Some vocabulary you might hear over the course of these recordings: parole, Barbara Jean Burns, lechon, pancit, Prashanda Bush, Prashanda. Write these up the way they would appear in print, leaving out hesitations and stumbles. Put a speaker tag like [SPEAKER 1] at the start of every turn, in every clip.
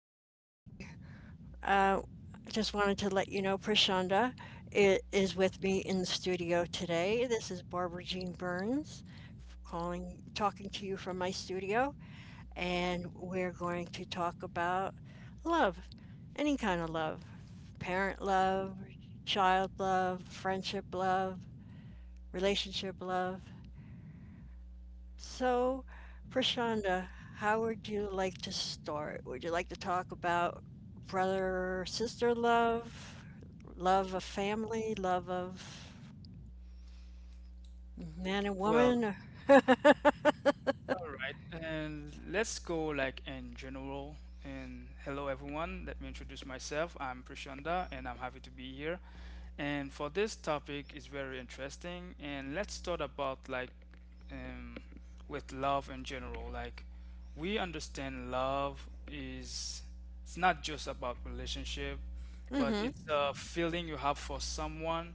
[SPEAKER 1] Hello,
[SPEAKER 2] Prashanda Bush.
[SPEAKER 1] everybody. Uh, I just wanted to let you know Prashanda is with me in the studio today. This is Barbara Jean Burns calling, talking to you from my studio, and we're going to talk about love, any kind of love, parent love, child love, friendship love, relationship love. So, Prashanda, how would you like to start? Would you like to talk about brother sister love, love of family, love of man and
[SPEAKER 2] Well,
[SPEAKER 1] woman?
[SPEAKER 2] all right, and let's go like in general. And hello, everyone. Let me introduce myself. I'm Prashanda, and I'm happy to be here. And for this topic is very interesting. And let's start about like um, with love in general. Like we understand love is it's not just about relationship, but
[SPEAKER 1] Mm-hmm.
[SPEAKER 2] it's a feeling you have for someone.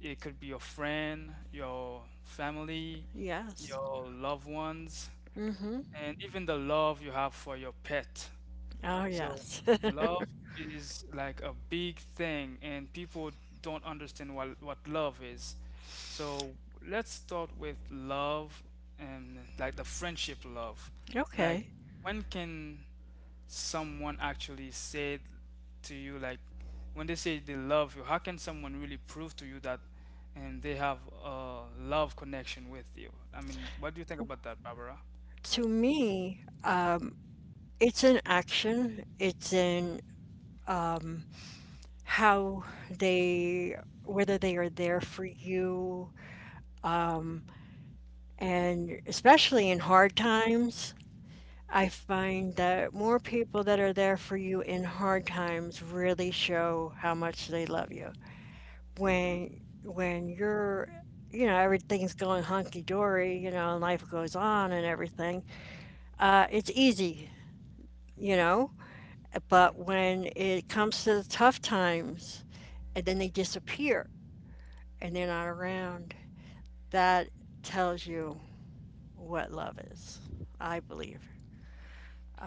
[SPEAKER 2] It could be your friend, your family,
[SPEAKER 1] Yes.
[SPEAKER 2] your loved ones,
[SPEAKER 1] Mm-hmm.
[SPEAKER 2] and even the love you have for your pet.
[SPEAKER 1] Oh,
[SPEAKER 2] So,
[SPEAKER 1] yes.
[SPEAKER 2] love is like a big thing, and people don't understand what love is. So, let's start with love and like the friendship love. Like,
[SPEAKER 1] Okay.
[SPEAKER 2] when can someone actually said to you like when they say they love you, how can someone really prove to you that and they have a love connection with you? I mean, what do you think about that, Barbara?
[SPEAKER 1] To me, it's in action. It's in how they, whether they are there for you, and especially in hard times I find that more people that are there for you in hard times really show how much they love you. When
[SPEAKER 2] Mm.
[SPEAKER 1] when you're, you know, everything's going hunky dory, you know, and life goes on and everything, it's easy, you know. But
[SPEAKER 2] Mhm.
[SPEAKER 1] when it comes to the tough times, and then they disappear and they're not around, that tells you what love is, I believe.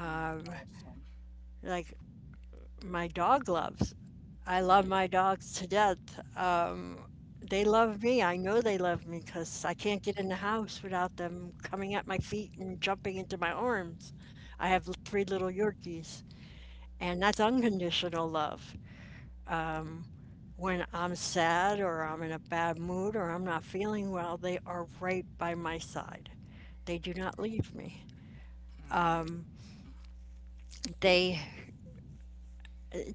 [SPEAKER 2] Mm, awesome.
[SPEAKER 1] Like my dog loves. I love my
[SPEAKER 2] Hmm.
[SPEAKER 1] dogs to death. They love me. I know they love me because I can't get in the house without them coming at my feet and jumping into my arms. I have three little Yorkies, and that's unconditional love. When I'm sad or I'm in a bad mood or I'm not feeling well, they are right by my side. They do not leave me. They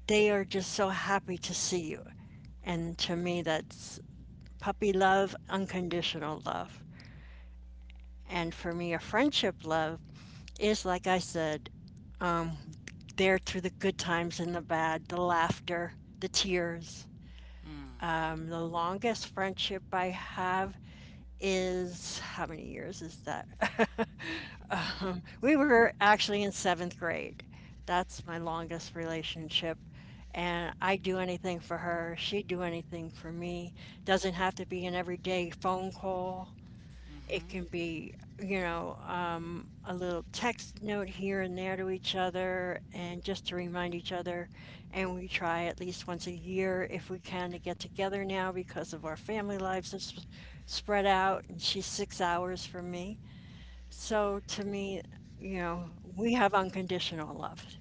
[SPEAKER 1] they are just so happy to see you. And to me that's puppy love, unconditional love. And for me, a friendship love is, like I said, there through the good times and the bad, the laughter, the tears. The longest friendship I have is how many years is that? We were actually in seventh grade. That's my longest relationship. And I do anything for her. She'd do anything for me. Doesn't have to be an everyday phone call. It can
[SPEAKER 2] Mhm.
[SPEAKER 1] be, you know, a little text note here and there to each other and just to remind each other. And we try at least once a year if we can to get together now because of our family lives have spread out and she's six hours from me. So to me, you know, we have unconditional love.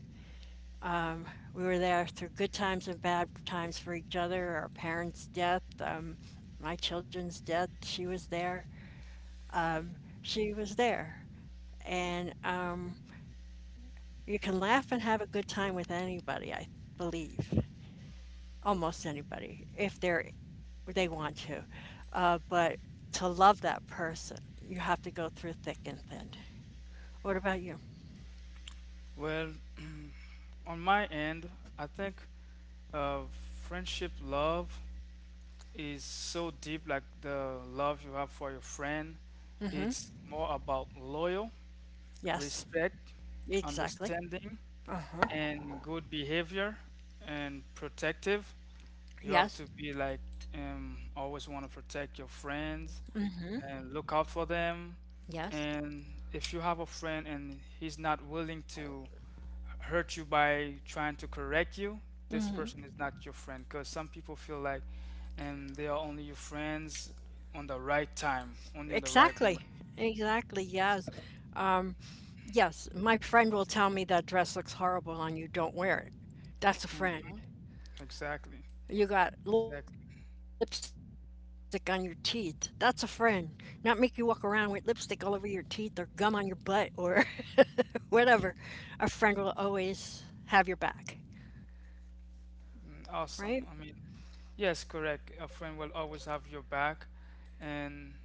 [SPEAKER 1] We were there through good times and bad times for each other, our parents' death, my children's death. She was there. She was there. And you can laugh and have a good time with anybody, I believe, almost anybody, if they want to. But to love that person, you have to go through thick and thin. What about you?
[SPEAKER 2] Well, on my end, I think friendship love is so deep. Like the love you have for your friend, it's more about loyal,
[SPEAKER 1] Yes,
[SPEAKER 2] respect,
[SPEAKER 1] exactly.
[SPEAKER 2] understanding, and good behavior, and protective. You have
[SPEAKER 1] Yes,
[SPEAKER 2] to be like always want to protect your friends and look out for them.
[SPEAKER 1] yes,
[SPEAKER 2] And if you have a friend and he's not willing to hurt you by trying to correct you, this person is not your friend. Because some people feel like they are only your friends on the right time, only on the right
[SPEAKER 1] exactly.
[SPEAKER 2] moment.
[SPEAKER 1] Exactly, yes. Yes, my friend will tell me that dress looks horrible on you, don't wear it. That's a friend.
[SPEAKER 2] Hmm. Exactly.
[SPEAKER 1] You got lipstick
[SPEAKER 2] Exactly.
[SPEAKER 1] on your teeth. That's a friend. Not make you walk around with lipstick all over your teeth or gum on your butt or whatever. A friend will always have your back,
[SPEAKER 2] Mm,
[SPEAKER 1] right?
[SPEAKER 2] awesome. I mean, yes, correct. A friend will always have your back, and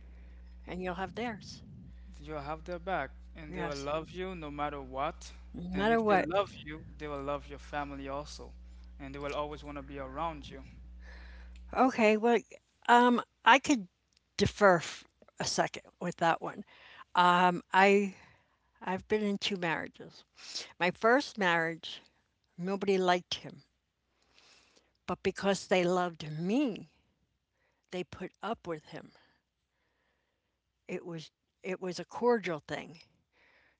[SPEAKER 1] And you'll have theirs.
[SPEAKER 2] you'll have their back, and they will
[SPEAKER 1] Yes,
[SPEAKER 2] love you no matter what.
[SPEAKER 1] no
[SPEAKER 2] And
[SPEAKER 1] matter
[SPEAKER 2] if they
[SPEAKER 1] what.
[SPEAKER 2] love you, they will love your family also, and they will always want to be around you.
[SPEAKER 1] Okay, I could defer f- a second with that one. Um, I I've been in two marriages. My first marriage, nobody liked him, but because they loved me, they put up with him. It was it was a cordial thing.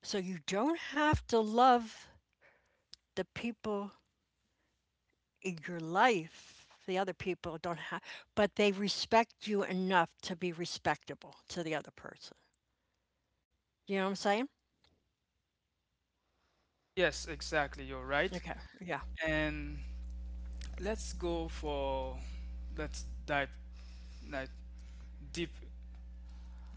[SPEAKER 1] So you don't have to love the people in your life. The other people don't have, but they respect you enough to be respectable to the other person. You know what I'm saying?
[SPEAKER 2] Yes, exactly. You're right.
[SPEAKER 1] Okay, yeah.
[SPEAKER 2] And let's go for let's dive like deep.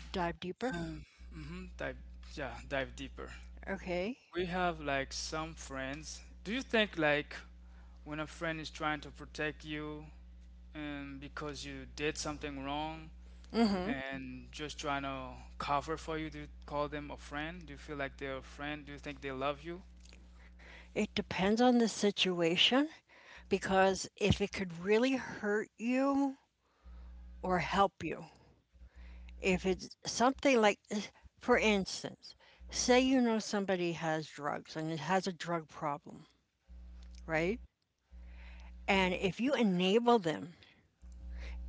[SPEAKER 1] Dive deeper.
[SPEAKER 2] Mm-hmm, dive deeper.
[SPEAKER 1] Okay.
[SPEAKER 2] We have like some friends. Do you think like when a friend is trying to protect you and because you did something wrong and just trying to cover for you? Do you call them a friend? Do you feel like they're a friend? Do you think they love you?
[SPEAKER 1] It depends on the situation because if it could really hurt you or help you, if it's something like, for instance, say you know somebody has drugs and it has a drug problem, right? And if you enable them,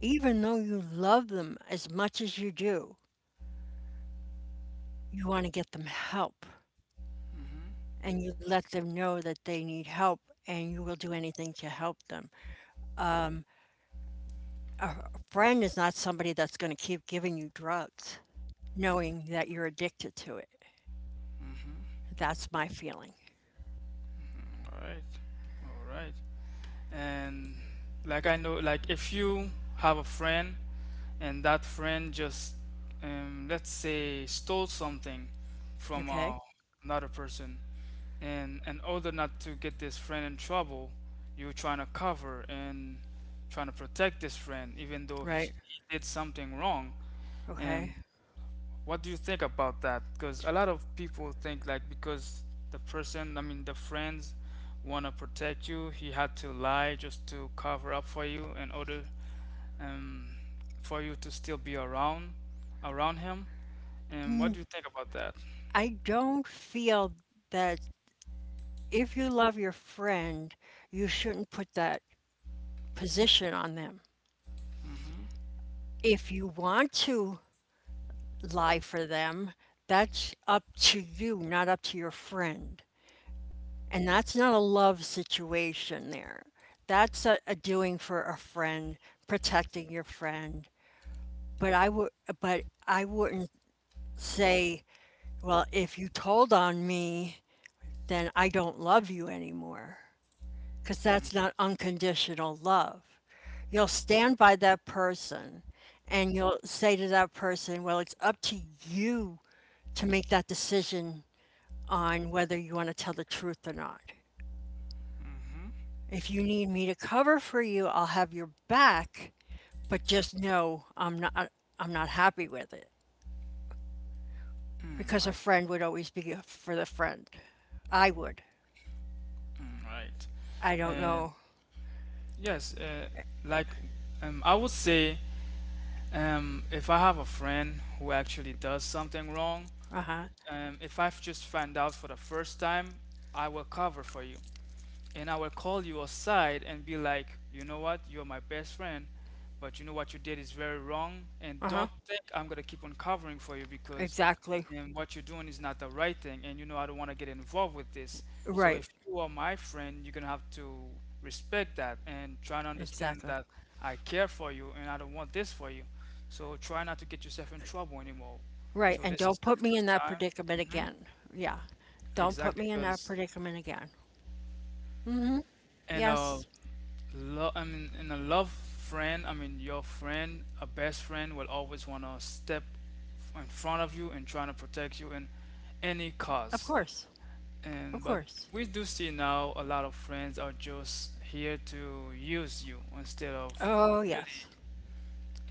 [SPEAKER 1] even though you love them as much as you do, you want to get them help and you let them know that they need help and you will do anything to help them. A friend is not somebody that's going to keep giving you drugs knowing that you're addicted to it. That's my feeling.
[SPEAKER 2] All right. All right. And like I know, like if you have a friend and let's say, stole something from
[SPEAKER 1] Okay?
[SPEAKER 2] another person, and in order not to get this friend in trouble, you're trying to cover and trying to protect this friend, even though he,
[SPEAKER 1] Right?
[SPEAKER 2] he did something wrong.
[SPEAKER 1] Okay.
[SPEAKER 2] And what do you think about that? Because a lot of people think like because the person, I mean the friends, want to protect you, he had to lie just to cover up for you in order um, for you to still be around him. And what do you think about that?
[SPEAKER 1] I don't feel that if you love your friend, you shouldn't put that position on them.
[SPEAKER 2] Mm-hmm.
[SPEAKER 1] If you want to lie for them, that's up to you, not up to your friend. And that's not a love situation there. That's a doing for a friend, protecting your friend. But I would but I wouldn't say, well, if you told on me, then I don't love you anymore, because
[SPEAKER 2] Mm-hmm.
[SPEAKER 1] that's not unconditional love. You'll stand by that person and you'll say to that person, well, it's up to you to make that decision on whether you want to tell the truth or not.
[SPEAKER 2] Mm-hmm.
[SPEAKER 1] If you need me to cover for you, I'll have your back, but just know I'm not happy with it
[SPEAKER 2] Mm,
[SPEAKER 1] because a
[SPEAKER 2] I see.
[SPEAKER 1] friend would always be for the friend. I would.
[SPEAKER 2] Mm, right.
[SPEAKER 1] I don't
[SPEAKER 2] And
[SPEAKER 1] know.
[SPEAKER 2] yes, like I would say, if I have a friend who actually does something wrong,
[SPEAKER 1] Uh-huh.
[SPEAKER 2] if I've just found out for the first time, I will cover for you and I will call you aside and be like, you know what, you're my best friend, but you know what you did is very wrong, and
[SPEAKER 1] Uh-huh.
[SPEAKER 2] don't think I'm gonna keep on covering for you because
[SPEAKER 1] Exactly.
[SPEAKER 2] and what you're doing is not the right thing, and you know I don't want to get involved with this. So
[SPEAKER 1] Right.
[SPEAKER 2] if you are my friend, you're gonna have to respect that and try to understand
[SPEAKER 1] Exactly.
[SPEAKER 2] that I care for you and I don't want this for you. So try not to get yourself in trouble anymore.
[SPEAKER 1] Right,
[SPEAKER 2] So
[SPEAKER 1] and
[SPEAKER 2] this is
[SPEAKER 1] don't
[SPEAKER 2] the
[SPEAKER 1] put me in
[SPEAKER 2] first
[SPEAKER 1] that
[SPEAKER 2] time.
[SPEAKER 1] predicament
[SPEAKER 2] Hmm.
[SPEAKER 1] again. Yeah. Don't put
[SPEAKER 2] Exactly,
[SPEAKER 1] me in that
[SPEAKER 2] because
[SPEAKER 1] predicament again.
[SPEAKER 2] and
[SPEAKER 1] Yes,
[SPEAKER 2] love, I mean, in a love friend, I mean, your friend, a best friend will always want to step in front of you and trying to protect you in any
[SPEAKER 1] of course.
[SPEAKER 2] cause.
[SPEAKER 1] Of
[SPEAKER 2] And
[SPEAKER 1] course.
[SPEAKER 2] but we do see now a lot of friends are just here to use you instead of
[SPEAKER 1] Oh, yes.
[SPEAKER 2] really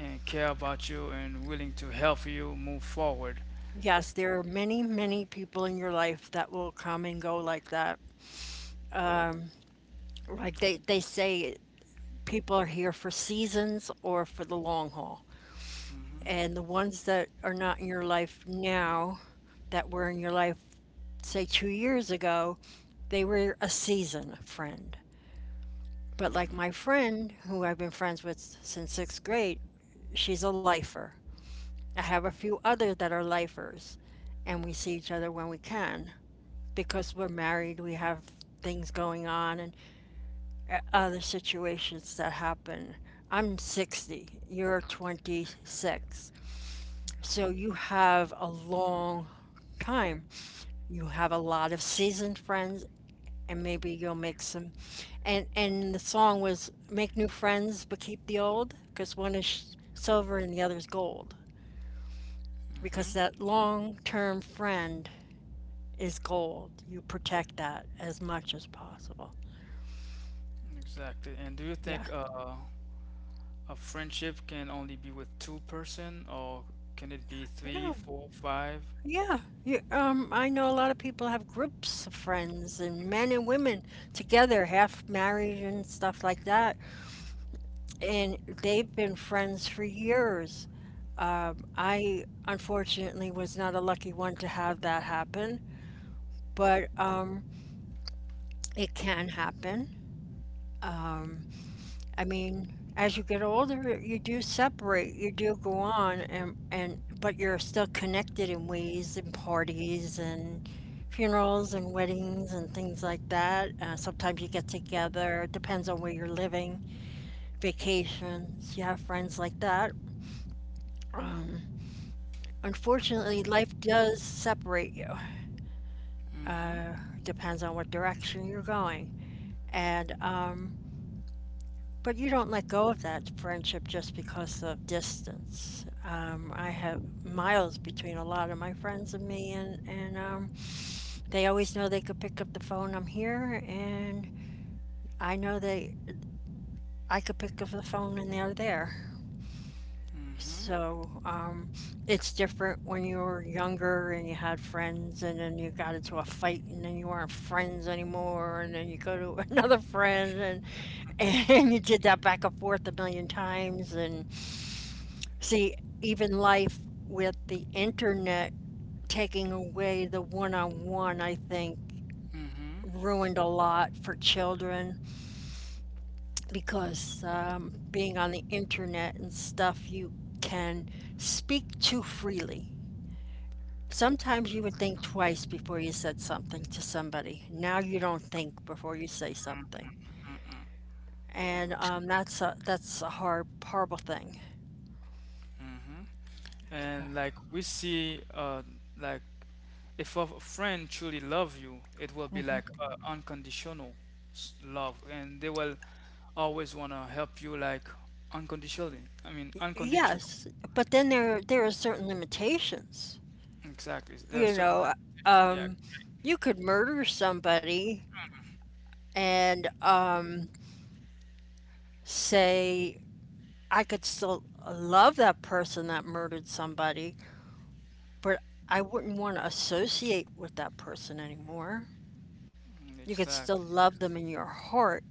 [SPEAKER 2] and care about you and willing to help you move forward.
[SPEAKER 1] Yes, there are many, many people in your life that will come and go like that. Like they say people are here for seasons or for the long haul. And
[SPEAKER 2] Hmm.
[SPEAKER 1] the ones that are not in your life now, that were in your life, say, two years ago, they were a season friend. But like my
[SPEAKER 2] Hmm.
[SPEAKER 1] friend, who I've been friends with since sixth grade, she's a lifer. I have a few others that are lifers, and we see each other when we can because we're married, we have things going on, and other situations that happen. I'm 60, you're 26. So you
[SPEAKER 2] Hmm.
[SPEAKER 1] have a long time. You have a lot of seasoned friends and maybe you'll make some and the song was make new friends but keep the old because one is silver and the other is gold, because
[SPEAKER 2] Hmm.
[SPEAKER 1] that long-term friend is gold. You protect that as much as possible.
[SPEAKER 2] Exactly. And do you
[SPEAKER 1] Yeah
[SPEAKER 2] think a friendship can only be with two person, or can it be three,
[SPEAKER 1] no
[SPEAKER 2] four, five?
[SPEAKER 1] Yeah, you, I know a lot of people have groups of friends and men and women together, half married and stuff like that, and they've been friends for years. I unfortunately was not a lucky one to have that happen, but it can happen. I mean, as you get older, you do separate, you do go on, and but you're still connected in ways and parties and funerals and weddings and things like that. Sometimes you get together, it depends on where you're living, vacations, you have friends like that. Unfortunately, life does separate you.
[SPEAKER 2] Mm-hmm.
[SPEAKER 1] It depends on what direction you're going. And but you don't let go of that friendship just because of distance. I have miles between a lot of my friends and me, and they always know they could pick up the phone. I'm here, and I know they I could pick up the phone, and they're there.
[SPEAKER 2] Mm-hmm.
[SPEAKER 1] So it's different when you were younger and you had friends, and then you got into a fight, and then you weren't friends anymore, and then you go to another friend, and and you did that back and forth a million times. And. See, even life with the internet taking away the one-on-one, I think,
[SPEAKER 2] Mm-hmm.
[SPEAKER 1] ruined a lot for children because being on the internet and stuff, you can speak too freely. Sometimes you would think twice before you said something to somebody. Now you don't think before you say something. And that's a hard, horrible thing.
[SPEAKER 2] Mm-hmm. And like we see like if a friend truly love you, it will be like unconditional love and they will always want to help you like unconditionally. I mean unconditional.
[SPEAKER 1] Yes, but then there are certain limitations.
[SPEAKER 2] Exactly. There are
[SPEAKER 1] You
[SPEAKER 2] certain
[SPEAKER 1] know,
[SPEAKER 2] yeah.
[SPEAKER 1] you could murder somebody and say, I could still love that person that murdered somebody, but I wouldn't want to associate with that person anymore.
[SPEAKER 2] Mm,
[SPEAKER 1] You could
[SPEAKER 2] exactly.
[SPEAKER 1] still love them in your heart,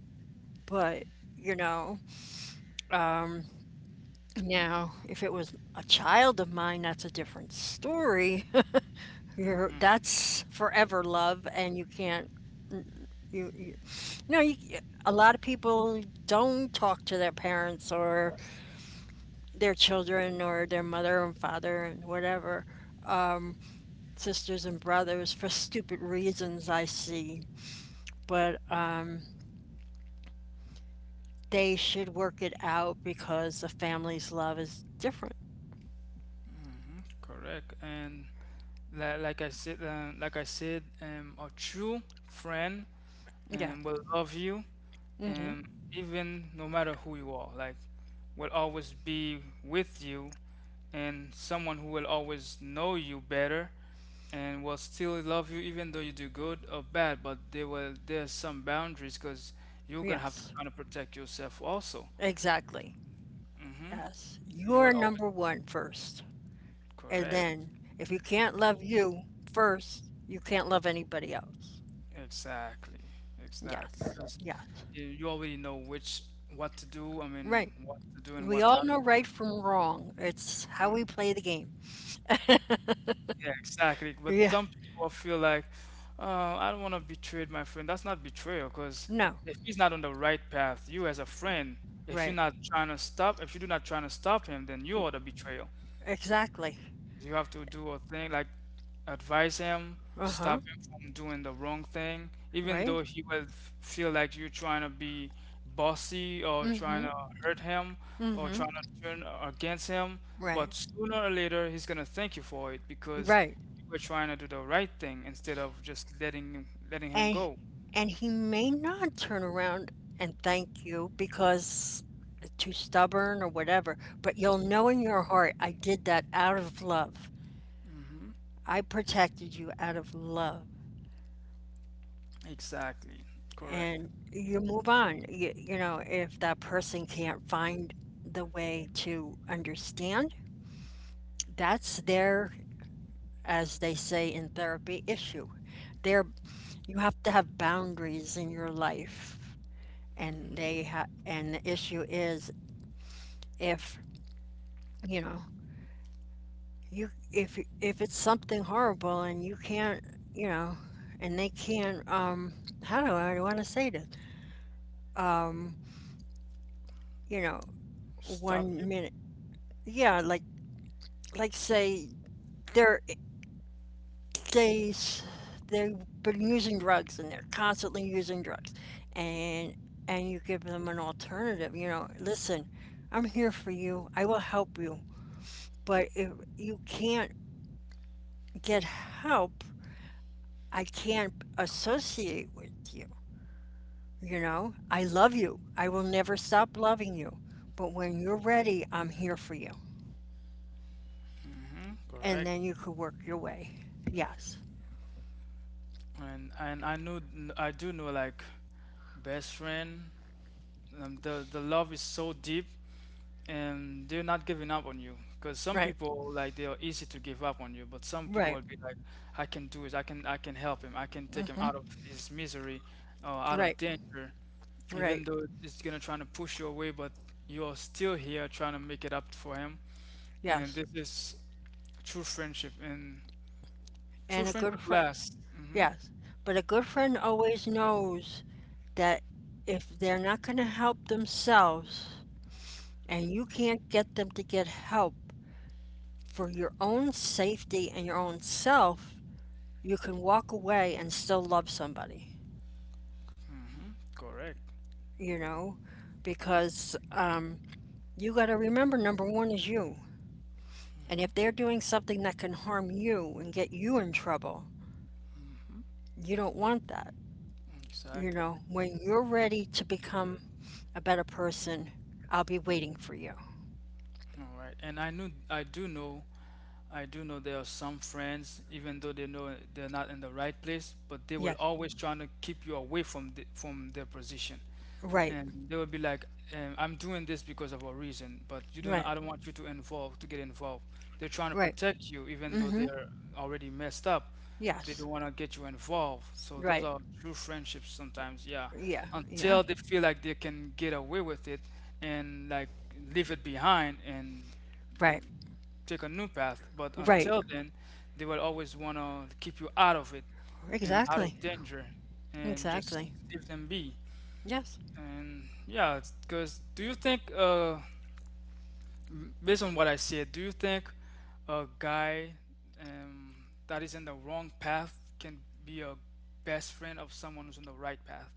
[SPEAKER 1] but you know, now if it was a child of mine, that's a different story. You're,
[SPEAKER 2] Mhm.
[SPEAKER 1] that's forever love, and you can't you, you you know you a lot of people don't talk to their parents or their children or their mother and father and whatever, sisters and brothers, for stupid reasons I see. But they should work it out because a family's love is different.
[SPEAKER 2] Correct. And like, like I said, a true friend,
[SPEAKER 1] Yeah.
[SPEAKER 2] will love you,
[SPEAKER 1] Hmm.
[SPEAKER 2] um, even no matter who you are. Like, will always be with you, and someone who will always know you better, and will still love you even though you do good or bad. But there's some boundaries because you're gonna have to
[SPEAKER 1] Yes.
[SPEAKER 2] try to protect yourself also.
[SPEAKER 1] Exactly.
[SPEAKER 2] Hmm.
[SPEAKER 1] Yes.
[SPEAKER 2] You
[SPEAKER 1] You're
[SPEAKER 2] will always
[SPEAKER 1] number one first. And
[SPEAKER 2] correct.
[SPEAKER 1] then if you can't love you first, you can't love anybody else.
[SPEAKER 2] Exactly, exactly.
[SPEAKER 1] Yes.
[SPEAKER 2] Because
[SPEAKER 1] Yes.
[SPEAKER 2] you already know which what to do. I mean,
[SPEAKER 1] Right.
[SPEAKER 2] what to do and
[SPEAKER 1] We
[SPEAKER 2] what
[SPEAKER 1] all
[SPEAKER 2] not to
[SPEAKER 1] know
[SPEAKER 2] do.
[SPEAKER 1] right from wrong. It's how we play the game.
[SPEAKER 2] Yeah, exactly. But
[SPEAKER 1] Yeah.
[SPEAKER 2] some people feel like, oh, I don't want to betray my friend. That's not betrayal, because
[SPEAKER 1] No.
[SPEAKER 2] if he's not on the right path, you as a friend,
[SPEAKER 1] Right.
[SPEAKER 2] if you're not trying to stop him, then you are the betrayal.
[SPEAKER 1] Exactly.
[SPEAKER 2] You have to do a thing like advise him,
[SPEAKER 1] Uh-huh.
[SPEAKER 2] stop him from doing the wrong thing, even
[SPEAKER 1] Right?
[SPEAKER 2] though he will feel like you're trying to be bossy or trying to hurt him or trying to turn against him.
[SPEAKER 1] Right.
[SPEAKER 2] But sooner or later, he's gonna thank you for it because
[SPEAKER 1] Right.
[SPEAKER 2] you were trying to do the right thing instead of just letting him
[SPEAKER 1] And
[SPEAKER 2] go.
[SPEAKER 1] and he may not turn around and thank you because too stubborn or whatever, but you'll know in your heart, I did that out of love. I protected you out of love.
[SPEAKER 2] Exactly, correct.
[SPEAKER 1] And you move on. You know, if that person can't find the way to understand, that's their as they say in therapy, issue. There, you have to have boundaries in your life, and and the issue is if you know you if it's something horrible and you can't, you know and they can't, how do I want to say this, you know
[SPEAKER 2] Stop
[SPEAKER 1] one
[SPEAKER 2] you.
[SPEAKER 1] minute. Yeah, like say there. They they've been using drugs and they're constantly using drugs, and and you give them an alternative. You know, listen, I'm here for you, I will help you, but if you can't get help, I can't associate with you. You know, I love you, I will never stop loving you, but when you're ready, I'm here for you,
[SPEAKER 2] Hmm.
[SPEAKER 1] and
[SPEAKER 2] Correct.
[SPEAKER 1] then you could work your way. Yes.
[SPEAKER 2] And I know I do know like best friend. The love is so deep and they're not giving up on you because some
[SPEAKER 1] Right,
[SPEAKER 2] people like they are easy to give up on you, but some people will
[SPEAKER 1] right.
[SPEAKER 2] be like I can help him, I can take him out of his misery or out of
[SPEAKER 1] Right,
[SPEAKER 2] danger.
[SPEAKER 1] right.
[SPEAKER 2] Even though it's gonna try to push you away, but you're still here trying to make it up for him, and
[SPEAKER 1] Yes.
[SPEAKER 2] this is true friendship, and true
[SPEAKER 1] And a good
[SPEAKER 2] friendship
[SPEAKER 1] friend.
[SPEAKER 2] lasts. Hmm.
[SPEAKER 1] Yes, but a good friend always knows that if they're not going to help themselves and you can't get them to get help, for your own safety and your own self, you can walk away and still love somebody.
[SPEAKER 2] Hmm. Correct.
[SPEAKER 1] You know, because you got to remember number one is you. And if they're doing something that can harm you and get you in trouble, you don't want that. You
[SPEAKER 2] Exactly.
[SPEAKER 1] know, when you're ready to become a better person, I'll be waiting for you.
[SPEAKER 2] all right and I knew I do know. I do know there are some friends, even though they know they're not in the right place, but they will
[SPEAKER 1] Yes.
[SPEAKER 2] always trying to keep you away from from their position.
[SPEAKER 1] Right.
[SPEAKER 2] And they will be like, "I'm doing this because of a reason, but you don't. I
[SPEAKER 1] Right.
[SPEAKER 2] don't want you to involve to get involved." They're trying to
[SPEAKER 1] Right.
[SPEAKER 2] protect you, even though
[SPEAKER 1] Mm-hmm.
[SPEAKER 2] they're already messed up. They
[SPEAKER 1] Yes.
[SPEAKER 2] don't want to get you involved. So those
[SPEAKER 1] Right.
[SPEAKER 2] are true friendships sometimes. Yeah,
[SPEAKER 1] Yeah. Yeah.
[SPEAKER 2] until they feel like they can get away with it and like leave it behind and
[SPEAKER 1] Right.
[SPEAKER 2] take a new path. But
[SPEAKER 1] Right.
[SPEAKER 2] until then, they will always want to keep you out of it and out
[SPEAKER 1] Exactly.
[SPEAKER 2] of danger and just
[SPEAKER 1] Exactly.
[SPEAKER 2] leave them be.
[SPEAKER 1] Yes.
[SPEAKER 2] And yeah, because do you think, based on what I said, do you think a guy that is in the wrong path can be a best friend of someone who's on the right path?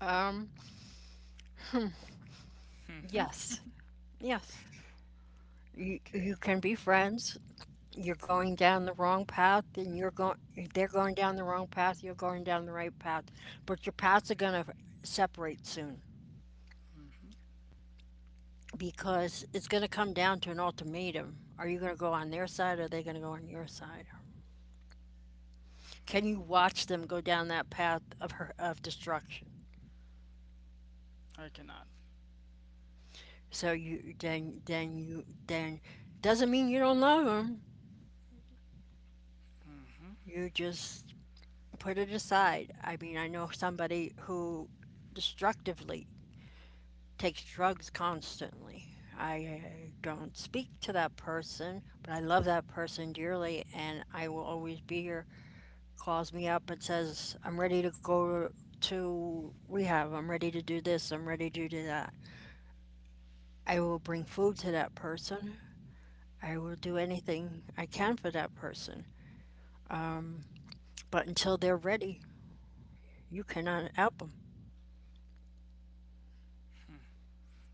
[SPEAKER 1] Um, yes. Yes. You
[SPEAKER 2] Okay,
[SPEAKER 1] you can be friends. You're going down the wrong path and you're going They're going down the wrong path, you're going down the right path, but your paths are going to separate soon, because it's going to come down to an ultimatum. Are you going to go on their side or are they going to go on your side? Can you watch them go down that path of of destruction?
[SPEAKER 2] I cannot.
[SPEAKER 1] So you then you then doesn't mean you don't love them.
[SPEAKER 2] Hmm.
[SPEAKER 1] You just put it aside. I mean, I know somebody who destructively takes drugs constantly. I don't speak to that person, but I love that person dearly, and I will always be here. Calls me up and says, I'm ready to go to rehab. I'm ready to do this. I'm ready to do that. I will bring food to that person. I will do anything I can for that person. But until they're ready, you cannot help them.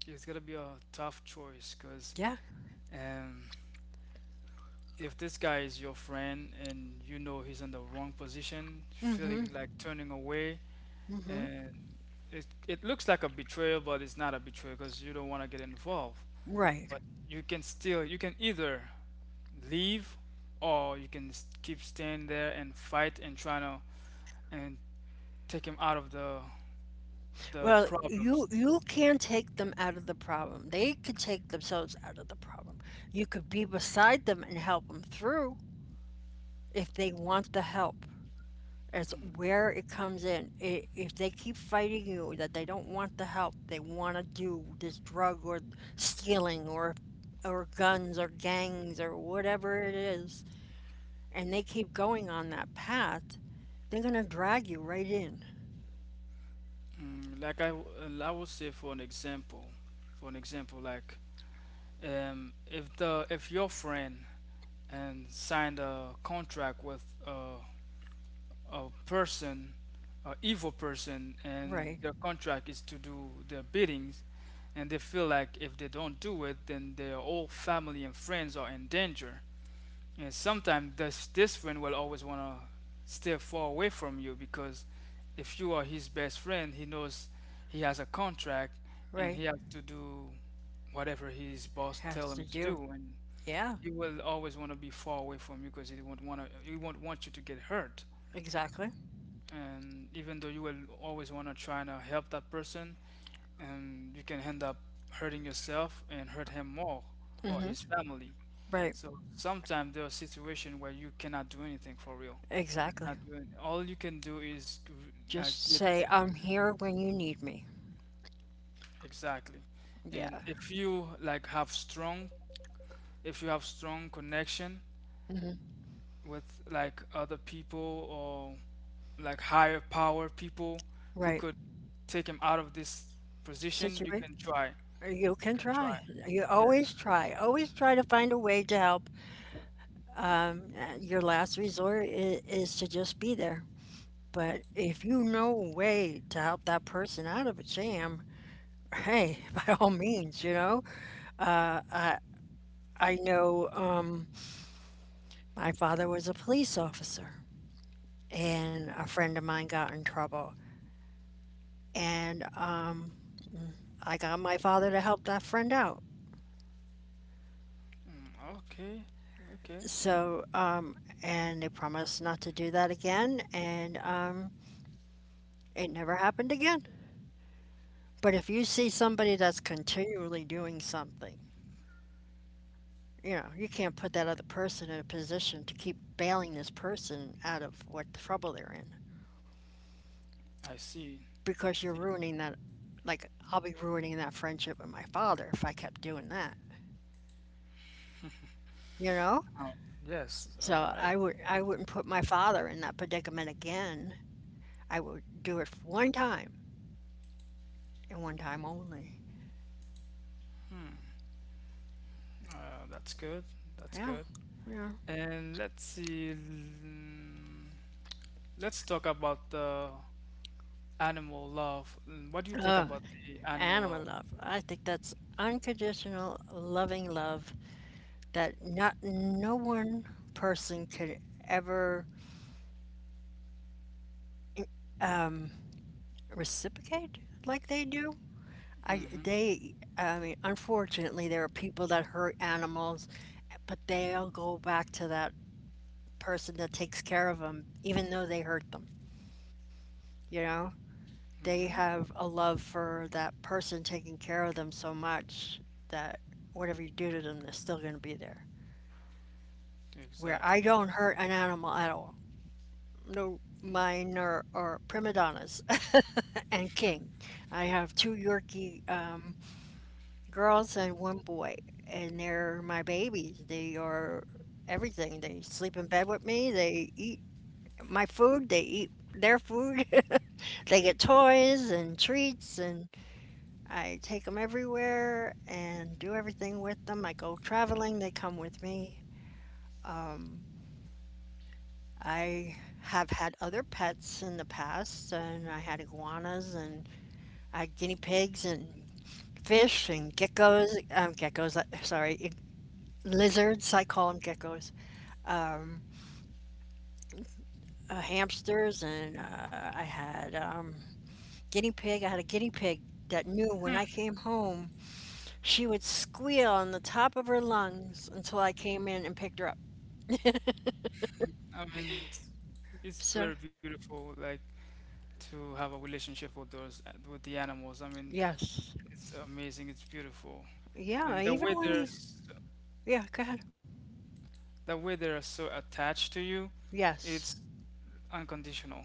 [SPEAKER 2] It's gonna be a tough choice because
[SPEAKER 1] Yeah,
[SPEAKER 2] um, if this guy is your friend and you know he's in the wrong position, feeling like turning away, and it looks like a betrayal, but it's not a betrayal because you don't want to get involved.
[SPEAKER 1] right.
[SPEAKER 2] But you can still, you can either leave, or you can keep staying there and fight and trying to and take him out of the
[SPEAKER 1] Well, you
[SPEAKER 2] problems.
[SPEAKER 1] you can take them out of the problem. They can take themselves out of the problem. You could be beside them and help them through if they want the help. As where it comes in. If they keep fighting you that they don't want the help, they want to do this drug or stealing or guns or gangs or whatever it is, and they keep going on that path, they're going to drag you right in.
[SPEAKER 2] Mm, like I would say for an example, like if the if your friend and signed a contract with a person, a evil person,
[SPEAKER 1] Right,
[SPEAKER 2] and their contract is to do their biddings. And they feel like if they don't do it, then their whole family and friends are in danger. And sometimes this friend will always want to stay far away from you because if you are his best friend, he knows he has a contract and
[SPEAKER 1] right.
[SPEAKER 2] he has to do whatever his boss tell
[SPEAKER 1] Has to
[SPEAKER 2] him to
[SPEAKER 1] do.
[SPEAKER 2] do. And
[SPEAKER 1] Yeah,
[SPEAKER 2] you will always want to be far away from you because you won't want to you won't want you to get hurt.
[SPEAKER 1] exactly.
[SPEAKER 2] And even though you will always want to try to help that person, and you can end up hurting yourself and hurt him more, or
[SPEAKER 1] Mhm.
[SPEAKER 2] his family.
[SPEAKER 1] Right,
[SPEAKER 2] So sometimes there are situations where you cannot do anything for real. You
[SPEAKER 1] exactly.
[SPEAKER 2] cannot do it. All you can do is
[SPEAKER 1] Just
[SPEAKER 2] get.
[SPEAKER 1] say, "I'm here when you need me."
[SPEAKER 2] Exactly. And
[SPEAKER 1] Yeah,
[SPEAKER 2] if you like have strong if you have strong connection with like other people, or like higher power people who
[SPEAKER 1] right.
[SPEAKER 2] could take him out of this position, you
[SPEAKER 1] Situa
[SPEAKER 2] can try.
[SPEAKER 1] You
[SPEAKER 2] You
[SPEAKER 1] can
[SPEAKER 2] can
[SPEAKER 1] try.
[SPEAKER 2] try.
[SPEAKER 1] You
[SPEAKER 2] Yes.
[SPEAKER 1] always try. Always try to find a way to help. Your last resort I is to just be there. But if you know a way to help that person out of a jam, hey, by all means, you know? I know, my father was a police officer, and a friend of mine got in trouble, and, I got my father to help that friend out.
[SPEAKER 2] Mm, okay. Okay.
[SPEAKER 1] So, and they promised not to do that again, and it never happened again. But if you see somebody that's continually doing something, you know, you can't put that other person in a position to keep bailing this person out of what trouble they're in,
[SPEAKER 2] I see. I
[SPEAKER 1] because you're
[SPEAKER 2] see.
[SPEAKER 1] ruining that. Like, I'll be ruining that friendship with my father if I kept doing that, you know?
[SPEAKER 2] Oh, yes. All
[SPEAKER 1] So
[SPEAKER 2] right.
[SPEAKER 1] I would I wouldn't put my father in that predicament again. I would do it one time and one time only.
[SPEAKER 2] Hmm. That's good. That's
[SPEAKER 1] Yeah,
[SPEAKER 2] good.
[SPEAKER 1] yeah.
[SPEAKER 2] And let's see. Let's talk about the animal love. What do you think
[SPEAKER 1] Oh,
[SPEAKER 2] about the animal
[SPEAKER 1] animal
[SPEAKER 2] love?
[SPEAKER 1] love. I think that's unconditional, loving love that not no one person could ever, um, reciprocate like they do.
[SPEAKER 2] Mm-hmm.
[SPEAKER 1] I mean, unfortunately, there are people that hurt animals, but they'll go back to that person that takes care of them, even though they hurt them. You know? They
[SPEAKER 2] Mm-hmm.
[SPEAKER 1] have a love for that person taking care of them so much that whatever you do to them, they're still going to be there. Where I
[SPEAKER 2] Exactly.
[SPEAKER 1] don't hurt an animal at all. No, mine are prima donnas and king. I have two Yorkie girls and one boy, and they're my babies. They are everything. They sleep in bed with me, they eat my food, they eat their food. They get toys and treats, and I take them everywhere and do everything with them. I go traveling, they come with me. I have had other pets in the past, and I had iguanas and I had guinea pigs and fish and geckos, sorry, lizards, I call them geckos, hamsters, and I had guinea pig. I had a guinea pig that knew when I came home, she would squeal on the top of her lungs until I came in and picked her up.
[SPEAKER 2] I mean, it's
[SPEAKER 1] So,
[SPEAKER 2] very beautiful, like to have a relationship with those with the animals. I mean,
[SPEAKER 1] yes.
[SPEAKER 2] it's amazing. It's beautiful, and
[SPEAKER 1] Yeah,
[SPEAKER 2] the
[SPEAKER 1] even
[SPEAKER 2] way
[SPEAKER 1] when you, yeah, go ahead.
[SPEAKER 2] the way they're so attached to you, it's
[SPEAKER 1] Yes,
[SPEAKER 2] unconditional.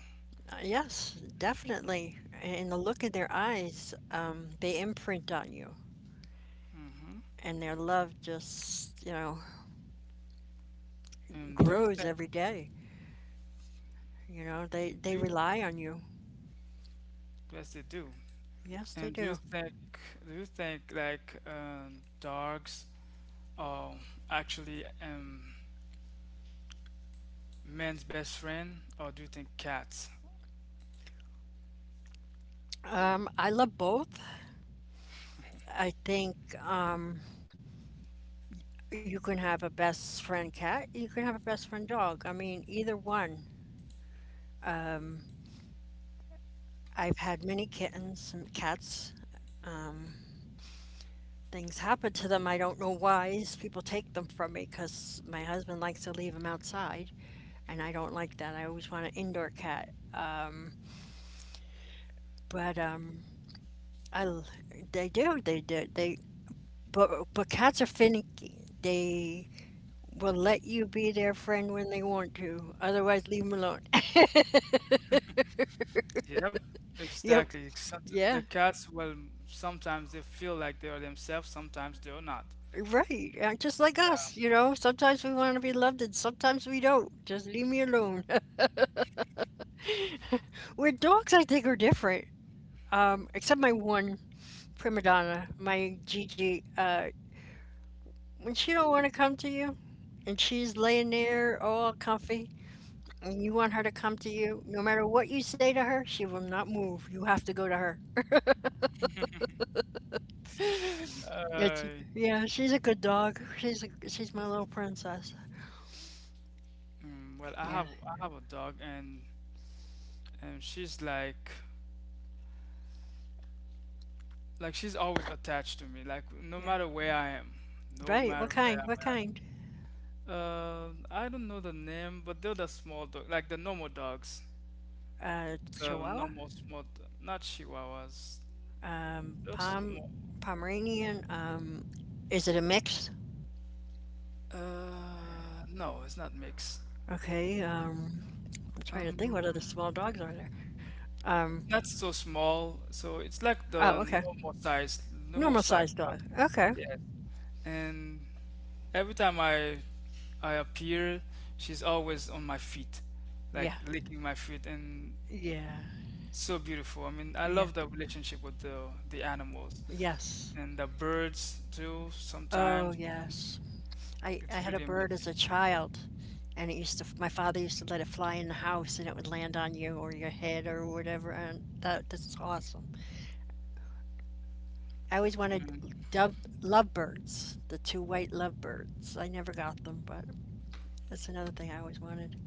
[SPEAKER 1] yes, definitely. And the look in their eyes, they imprint on you,
[SPEAKER 2] Hmm.
[SPEAKER 1] and their love just, you know,
[SPEAKER 2] And do you
[SPEAKER 1] grows
[SPEAKER 2] think
[SPEAKER 1] every day. You know, they
[SPEAKER 2] do
[SPEAKER 1] rely on you.
[SPEAKER 2] yes they do.
[SPEAKER 1] Yes, they
[SPEAKER 2] And do you
[SPEAKER 1] do.
[SPEAKER 2] think like dogs are actually men's best friend, or do you think cats?
[SPEAKER 1] I love both. I think you can have a best friend cat, you can have a best friend dog. I mean, either one. I've had many kittens and cats, things happen to them. I don't know why. People take them from me because my husband likes to leave them outside, and I don't like that. I always want an indoor cat. But I, they do they do they But cats are finicky. They will let you be their friend when they want to. Otherwise, leave them alone.
[SPEAKER 2] Yep,
[SPEAKER 1] Yep.
[SPEAKER 2] exactly. Except the
[SPEAKER 1] Yeah.
[SPEAKER 2] cats, well, sometimes they feel like they are themselves, sometimes they are not.
[SPEAKER 1] Right. Just like
[SPEAKER 2] Yeah.
[SPEAKER 1] us, you know. Sometimes we want to be loved, and sometimes we don't. Just leave me alone. With dogs, I think are different. Except my one prima donna, my Gigi, when she don't want to come to you, and she's laying there all comfy, and you want her to come to you, no matter what you say to her, she will not move. You have to go to her. It's,
[SPEAKER 2] Uh,
[SPEAKER 1] yeah, she's a good dog. She's my little princess.
[SPEAKER 2] well,
[SPEAKER 1] Yeah,
[SPEAKER 2] I have a dog, and she's like she's always attached to me. Like no
[SPEAKER 1] yeah.
[SPEAKER 2] matter where I am, no
[SPEAKER 1] Right.
[SPEAKER 2] matter
[SPEAKER 1] What
[SPEAKER 2] where
[SPEAKER 1] kind?
[SPEAKER 2] I'm
[SPEAKER 1] What
[SPEAKER 2] at.
[SPEAKER 1] kind?
[SPEAKER 2] I don't know the name, but they're the small dog, like the normal dogs, the
[SPEAKER 1] Chihuahua,
[SPEAKER 2] normal small, not Chihuahuas.
[SPEAKER 1] um,
[SPEAKER 2] Those
[SPEAKER 1] Pom,
[SPEAKER 2] small.
[SPEAKER 1] Pomeranian. Is it a mix?
[SPEAKER 2] No, it's not mix.
[SPEAKER 1] Okay. I'm trying to think. What other small
[SPEAKER 2] Um.
[SPEAKER 1] dogs are there? Um,
[SPEAKER 2] Not so small, so it's like
[SPEAKER 1] oh,
[SPEAKER 2] the
[SPEAKER 1] okay.
[SPEAKER 2] normal
[SPEAKER 1] Normal
[SPEAKER 2] size
[SPEAKER 1] sized
[SPEAKER 2] dog.
[SPEAKER 1] dog. Okay.
[SPEAKER 2] Yes. And every time I appear, she's always on my feet, like
[SPEAKER 1] Yeah.
[SPEAKER 2] licking my feet, and
[SPEAKER 1] Yeah.
[SPEAKER 2] so beautiful. I mean, I
[SPEAKER 1] Yeah.
[SPEAKER 2] love the relationship with the animals
[SPEAKER 1] Yes.
[SPEAKER 2] and the birds too.
[SPEAKER 1] Oh,
[SPEAKER 2] Sometimes
[SPEAKER 1] yes.
[SPEAKER 2] it's
[SPEAKER 1] I had a
[SPEAKER 2] really
[SPEAKER 1] bird as a
[SPEAKER 2] amazing.
[SPEAKER 1] child, and it used to, my father used to let it fly in the house and it would land on you or your head or whatever. And that, that's awesome. I always wanted
[SPEAKER 2] Mhm.
[SPEAKER 1] dove, lovebirds, the two white lovebirds. I never got them, but that's another thing I always wanted.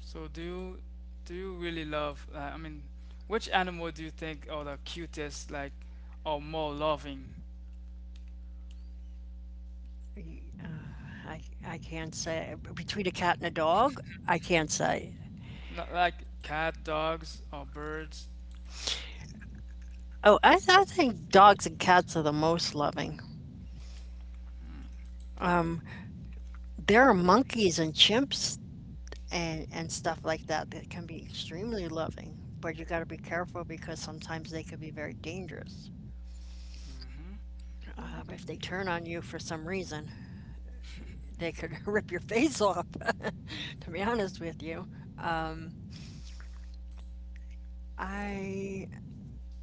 [SPEAKER 2] So do you really love? I mean, which animal do you think are the cutest, like, or more loving?
[SPEAKER 1] I, I can't say. Between a cat and a dog, I can't say.
[SPEAKER 2] Not like cat, dogs, or birds.
[SPEAKER 1] Oh, I think dogs and cats are the most loving. Um, there are monkeys and chimps and stuff like that that can be extremely loving, but you got to be careful because sometimes they could be very dangerous.
[SPEAKER 2] Hmm.
[SPEAKER 1] If they turn on you for some reason, they could rip your face off. To be honest with you, I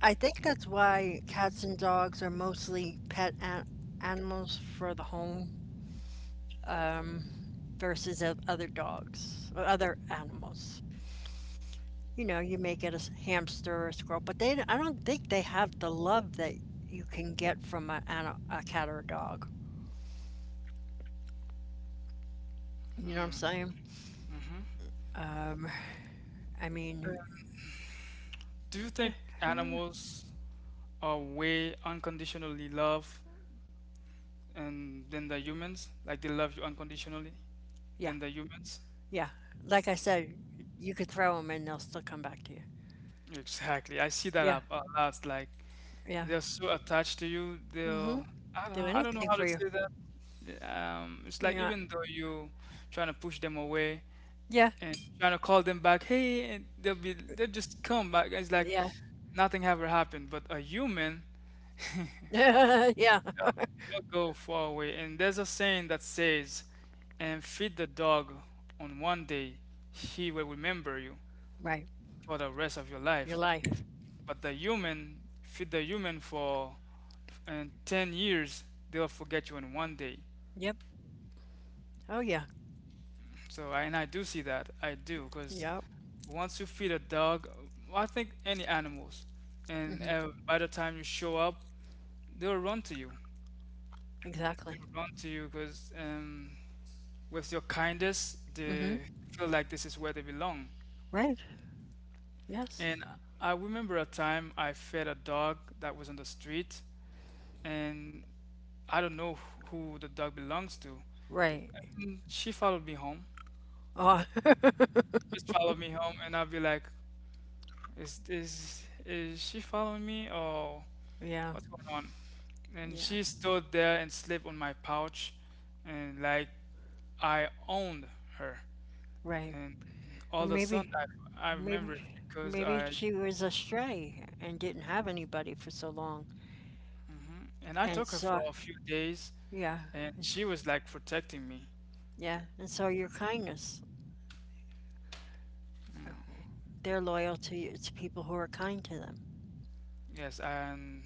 [SPEAKER 1] I think that's why cats and dogs are mostly pet an animals for the home versus other dogs or other animals. You know, you may get a hamster or a squirrel, but they, I don't think they have the love that you can get from a cat or a dog. You know what I'm saying?
[SPEAKER 2] Hmm.
[SPEAKER 1] Um, I mean,
[SPEAKER 2] Do you think
[SPEAKER 1] I don't-
[SPEAKER 2] animals are way unconditionally love and than the humans? Like they love you unconditionally
[SPEAKER 1] yeah,
[SPEAKER 2] than the humans?
[SPEAKER 1] yeah. Like I said, you could throw them and they'll still come back to you.
[SPEAKER 2] Exactly. I see that
[SPEAKER 1] Yeah,
[SPEAKER 2] a lot. Like
[SPEAKER 1] yeah.
[SPEAKER 2] they're so attached to you.
[SPEAKER 1] hmm
[SPEAKER 2] They'll.
[SPEAKER 1] Do
[SPEAKER 2] I don't know
[SPEAKER 1] anything
[SPEAKER 2] how
[SPEAKER 1] for
[SPEAKER 2] to
[SPEAKER 1] you.
[SPEAKER 2] say that. Yeah. It's
[SPEAKER 1] You
[SPEAKER 2] like
[SPEAKER 1] know,
[SPEAKER 2] even though you trying to push them away,
[SPEAKER 1] yeah,
[SPEAKER 2] and trying to call them back. Hey, and they'll just come back. It's like
[SPEAKER 1] yeah,
[SPEAKER 2] nothing ever happened. But a human,
[SPEAKER 1] yeah.
[SPEAKER 2] they'll go far away. And there's a saying that says, "And feed the dog on one day, he will remember you
[SPEAKER 1] Right.
[SPEAKER 2] for the rest of your
[SPEAKER 1] Your
[SPEAKER 2] life."
[SPEAKER 1] life.
[SPEAKER 2] But the human, feed the human for and 10 years, they'll forget you in one day.
[SPEAKER 1] Yep. Oh, yeah.
[SPEAKER 2] So and I do see that. I do. Because
[SPEAKER 1] Yep.
[SPEAKER 2] once you feed a dog, well, I think any animals, and by the time you show up, they'll run to you.
[SPEAKER 1] Exactly.
[SPEAKER 2] They'll run to you because with your kindness,
[SPEAKER 1] hmm
[SPEAKER 2] they feel like this is where they belong.
[SPEAKER 1] Right. Yes.
[SPEAKER 2] And I remember a time I fed a dog that was on the street, and I don't know who the dog belongs to.
[SPEAKER 1] Right.
[SPEAKER 2] And she followed me home.
[SPEAKER 1] Oh,
[SPEAKER 2] She just followed me home, and I would be like, " is she following me, or?"
[SPEAKER 1] yeah.
[SPEAKER 2] What's going on? And
[SPEAKER 1] Yeah.
[SPEAKER 2] she stood there and slept on my pouch, and like I owned her.
[SPEAKER 1] Right.
[SPEAKER 2] And all the
[SPEAKER 1] Maybe,
[SPEAKER 2] sudden, I remember
[SPEAKER 1] maybe,
[SPEAKER 2] it's because
[SPEAKER 1] maybe
[SPEAKER 2] I
[SPEAKER 1] she was astray and didn't have anybody for so long,
[SPEAKER 2] and I
[SPEAKER 1] and
[SPEAKER 2] took her
[SPEAKER 1] saw,
[SPEAKER 2] for a few days,
[SPEAKER 1] yeah,
[SPEAKER 2] and
[SPEAKER 1] it's-
[SPEAKER 2] she was like protecting me.
[SPEAKER 1] yeah, and saw your kindness, they their loyalty to people who are kind to them.
[SPEAKER 2] Yes, and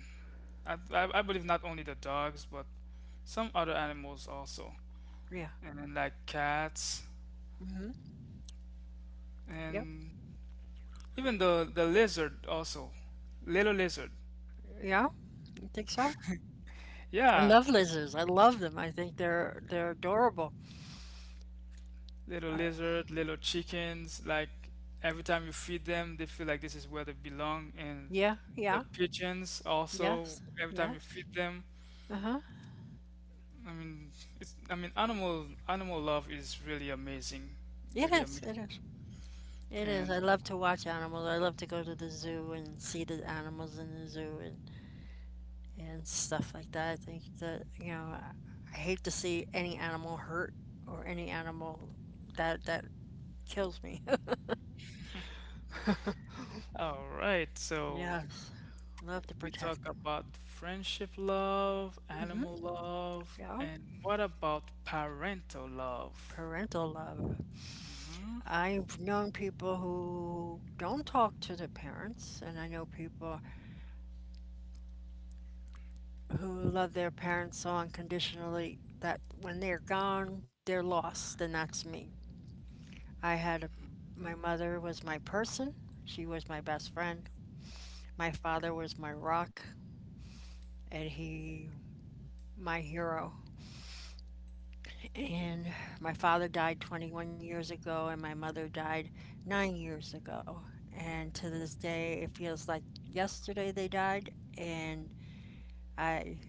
[SPEAKER 2] I believe not only the dogs, but some other animals also,
[SPEAKER 1] Yeah.
[SPEAKER 2] and like cats,
[SPEAKER 1] hmm Yep.
[SPEAKER 2] and even the lizard also, little lizard.
[SPEAKER 1] Yeah. I think so. I
[SPEAKER 2] Yeah,
[SPEAKER 1] love lizards. I love them. I think they're adorable.
[SPEAKER 2] little lizard, little chickens. Like every time you feed them, they feel like this is where they belong. And
[SPEAKER 1] Yeah. Yeah.
[SPEAKER 2] the pigeons also,
[SPEAKER 1] Yes.
[SPEAKER 2] every time you
[SPEAKER 1] Yes.
[SPEAKER 2] feed them,
[SPEAKER 1] Uh huh.
[SPEAKER 2] I mean, it's I mean, animal love is really amazing,
[SPEAKER 1] It
[SPEAKER 2] really
[SPEAKER 1] is.
[SPEAKER 2] amazing.
[SPEAKER 1] It is. It is. I
[SPEAKER 2] And
[SPEAKER 1] love to watch animals. I love to go to the zoo and see the animals in the zoo and stuff like that. I think that, you know, I hate to see any animal hurt or any animal that kills me.
[SPEAKER 2] all right, so
[SPEAKER 1] Yes, love to
[SPEAKER 2] we
[SPEAKER 1] protect
[SPEAKER 2] talk
[SPEAKER 1] them.
[SPEAKER 2] about friendship love, animal love,
[SPEAKER 1] Yeah,
[SPEAKER 2] and what about parental love?
[SPEAKER 1] parental love. I've known people who don't talk to their parents, and I know people who love their parents so unconditionally that when they're gone, they're lost, and that's me. I had a, my mother was my person. She was my best friend. My father was my rock, and he my hero, and my father died 21 years ago, and my mother died 9 years ago, and to this day it feels like yesterday they died. And I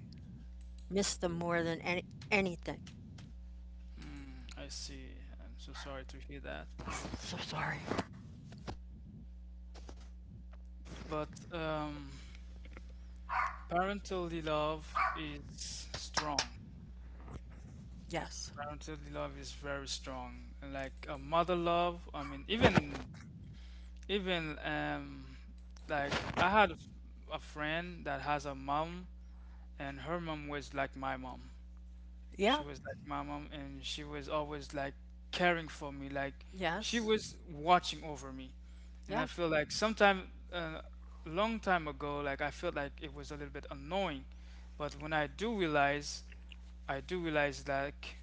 [SPEAKER 1] miss them more than anything.
[SPEAKER 2] Hmm, I see. I'm so sorry to hear that.
[SPEAKER 1] So sorry.
[SPEAKER 2] But parental love is strong.
[SPEAKER 1] Yes.
[SPEAKER 2] Parental love is very strong. Like a mother love, I mean even even um like I had a friend that has a mom, and her mom was like my mom.
[SPEAKER 1] Yeah.
[SPEAKER 2] She was like my mom, and she was always like caring for me, like she
[SPEAKER 1] Yes.
[SPEAKER 2] was watching over me. And I
[SPEAKER 1] Yes.
[SPEAKER 2] feel like sometime long time ago, like I felt like it was a little bit annoying. But when I do realize like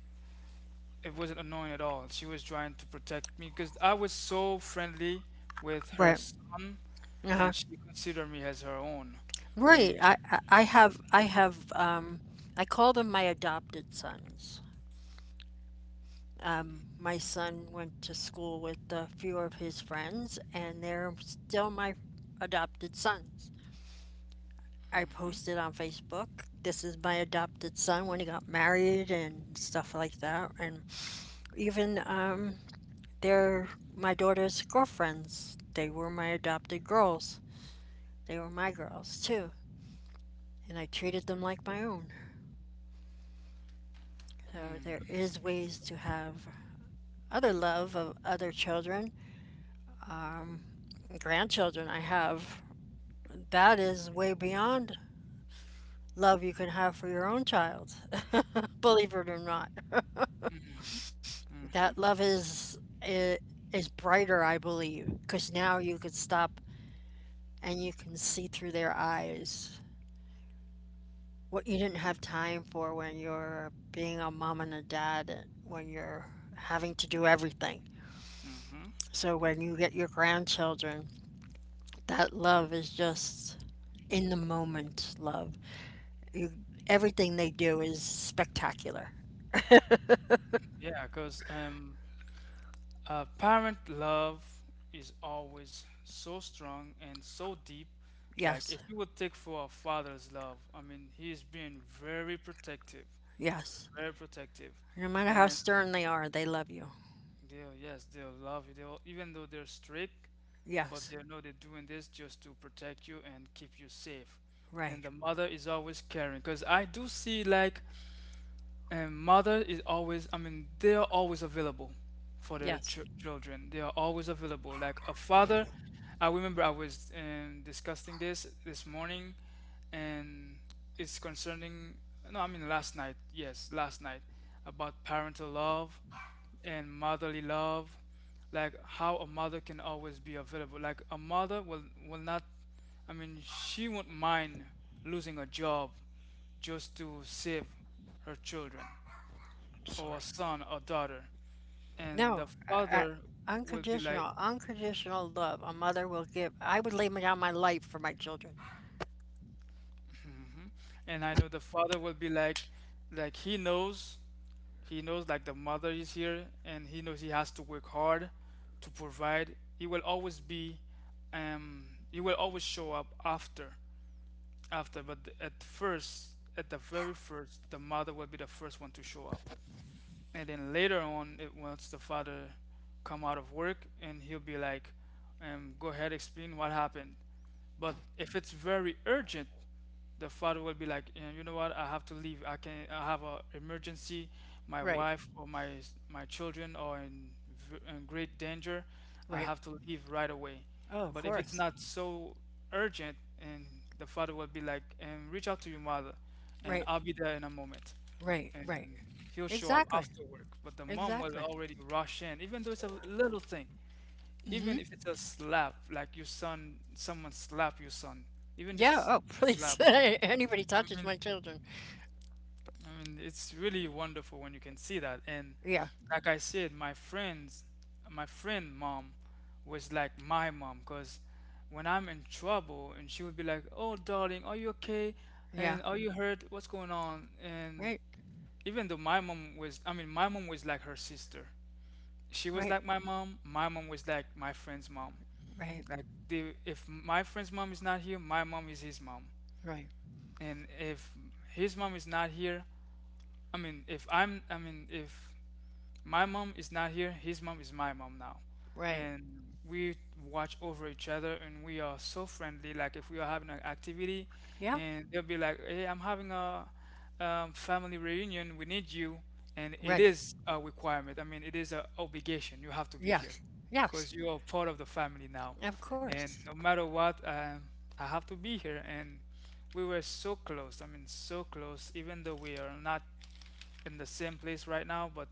[SPEAKER 2] it wasn't annoying at all. She was trying to protect me because I was so friendly with
[SPEAKER 1] Right.
[SPEAKER 2] her son,
[SPEAKER 1] Uh-huh.
[SPEAKER 2] and she considered me as her own.
[SPEAKER 1] Right.
[SPEAKER 2] And sh
[SPEAKER 1] I call them my adopted sons. My son went to school with a few of his friends, and they're still my adopted sons. I posted on Facebook, this is my adopted son when he got married and stuff like that. And even they're my daughter's girlfriends. They were my adopted girls. They were my girls too. And I treated them like my own. So there
[SPEAKER 2] mm,
[SPEAKER 1] is ways to have other love of other children, grandchildren I have. That is way beyond love you can have for your own child, believe it or not. That
[SPEAKER 2] hmm
[SPEAKER 1] love is brighter, I believe, because now you could stop and you can see through their eyes what you didn't have time for when you're being a mom and a dad, when you're having to do everything.
[SPEAKER 2] hmm
[SPEAKER 1] So when you get your grandchildren, that love is just in the moment love. Everything they do is spectacular.
[SPEAKER 2] yeah, because parent love is always so strong and so deep. Like
[SPEAKER 1] Yes,
[SPEAKER 2] if you would take for a father's love, I mean, he is being
[SPEAKER 1] yes.
[SPEAKER 2] very protective,
[SPEAKER 1] No matter how
[SPEAKER 2] and
[SPEAKER 1] stern they are, they love you.
[SPEAKER 2] they'll, yes, they'll love you. They'll, even though they're strict, but
[SPEAKER 1] Yes.
[SPEAKER 2] they know they're doing this just to protect you and keep you safe. And
[SPEAKER 1] Right.
[SPEAKER 2] the mother is always caring because I do see like and mother is always, I mean, they are always available for their
[SPEAKER 1] Yes.
[SPEAKER 2] ch children. They are always available. Like a father, I remember I was discussing this this morning, and it's concerning, no, I mean last night, yes, last night, about parental love and motherly love, like how a mother can always be available. Like a mother will not, I mean she won't mind losing a job just to save her children,
[SPEAKER 1] I'm
[SPEAKER 2] or a
[SPEAKER 1] sorry.
[SPEAKER 2] son or daughter. And
[SPEAKER 1] No.
[SPEAKER 2] the father will be like,
[SPEAKER 1] Unconditional, unconditional love. A mother will give. I would lay down my life for my children.
[SPEAKER 2] hmm, and I know the father will be like he knows like the mother is here and he knows he has to work hard to provide. He will always be he will always show up after but at first, at the very first, the mother will be the first one to show up. And then later on, it once the father come out of work, and he'll be like, go ahead, explain what happened. But if it's very urgent, the father will be like, "Yeah, you know what, I have to leave. I have a emergency. My
[SPEAKER 1] Right.
[SPEAKER 2] wife or my children are in, in great danger. I
[SPEAKER 1] Right.
[SPEAKER 2] have to leave right away."
[SPEAKER 1] Oh, of
[SPEAKER 2] But if it's
[SPEAKER 1] course.
[SPEAKER 2] not so urgent, and the father will be like, and reach out to your mother, and
[SPEAKER 1] Right.
[SPEAKER 2] I'll be there in a moment.
[SPEAKER 1] Right. Right.
[SPEAKER 2] And he'll show up
[SPEAKER 1] Exactly.
[SPEAKER 2] after work. But the mom will
[SPEAKER 1] Exactly.
[SPEAKER 2] already rush in, even though it's a little thing, even if it's a slap, like your son, someone slap your son, even
[SPEAKER 1] Yeah.
[SPEAKER 2] just
[SPEAKER 1] Oh,
[SPEAKER 2] slap.
[SPEAKER 1] please. Anybody
[SPEAKER 2] I
[SPEAKER 1] touches
[SPEAKER 2] mean,
[SPEAKER 1] my children.
[SPEAKER 2] I mean, it's really wonderful when you can see that. And
[SPEAKER 1] Yeah.
[SPEAKER 2] like I said, my friends, my friend mom was like my mom because when I'm in trouble, and she would be like, "Oh, darling, are you okay?
[SPEAKER 1] Yeah.
[SPEAKER 2] And are you hurt? What's going on?" And
[SPEAKER 1] Right.
[SPEAKER 2] even though my mom was, I mean, my mom was like her sister. She was
[SPEAKER 1] Right.
[SPEAKER 2] like my mom. My mom was like my friend's mom.
[SPEAKER 1] Right.
[SPEAKER 2] Like the if my friend's mom is not here, my mom is his mom.
[SPEAKER 1] Right.
[SPEAKER 2] And if his mom is not here, I mean, if my mom is not here, his mom is my mom now.
[SPEAKER 1] Right.
[SPEAKER 2] And we watch over each other, and we are so friendly. Like if we are having an activity,
[SPEAKER 1] Yeah.
[SPEAKER 2] and they'll be like, hey, I'm having a family reunion, we need you. And it
[SPEAKER 1] Right.
[SPEAKER 2] is a requirement. I mean, it is an obligation. You have to be here
[SPEAKER 1] Yes. Yes.
[SPEAKER 2] because you are part of the family now.
[SPEAKER 1] Of course.
[SPEAKER 2] And no matter what, I have to be here. And we were so close. I mean, so close, even though we are not in the same place right now, but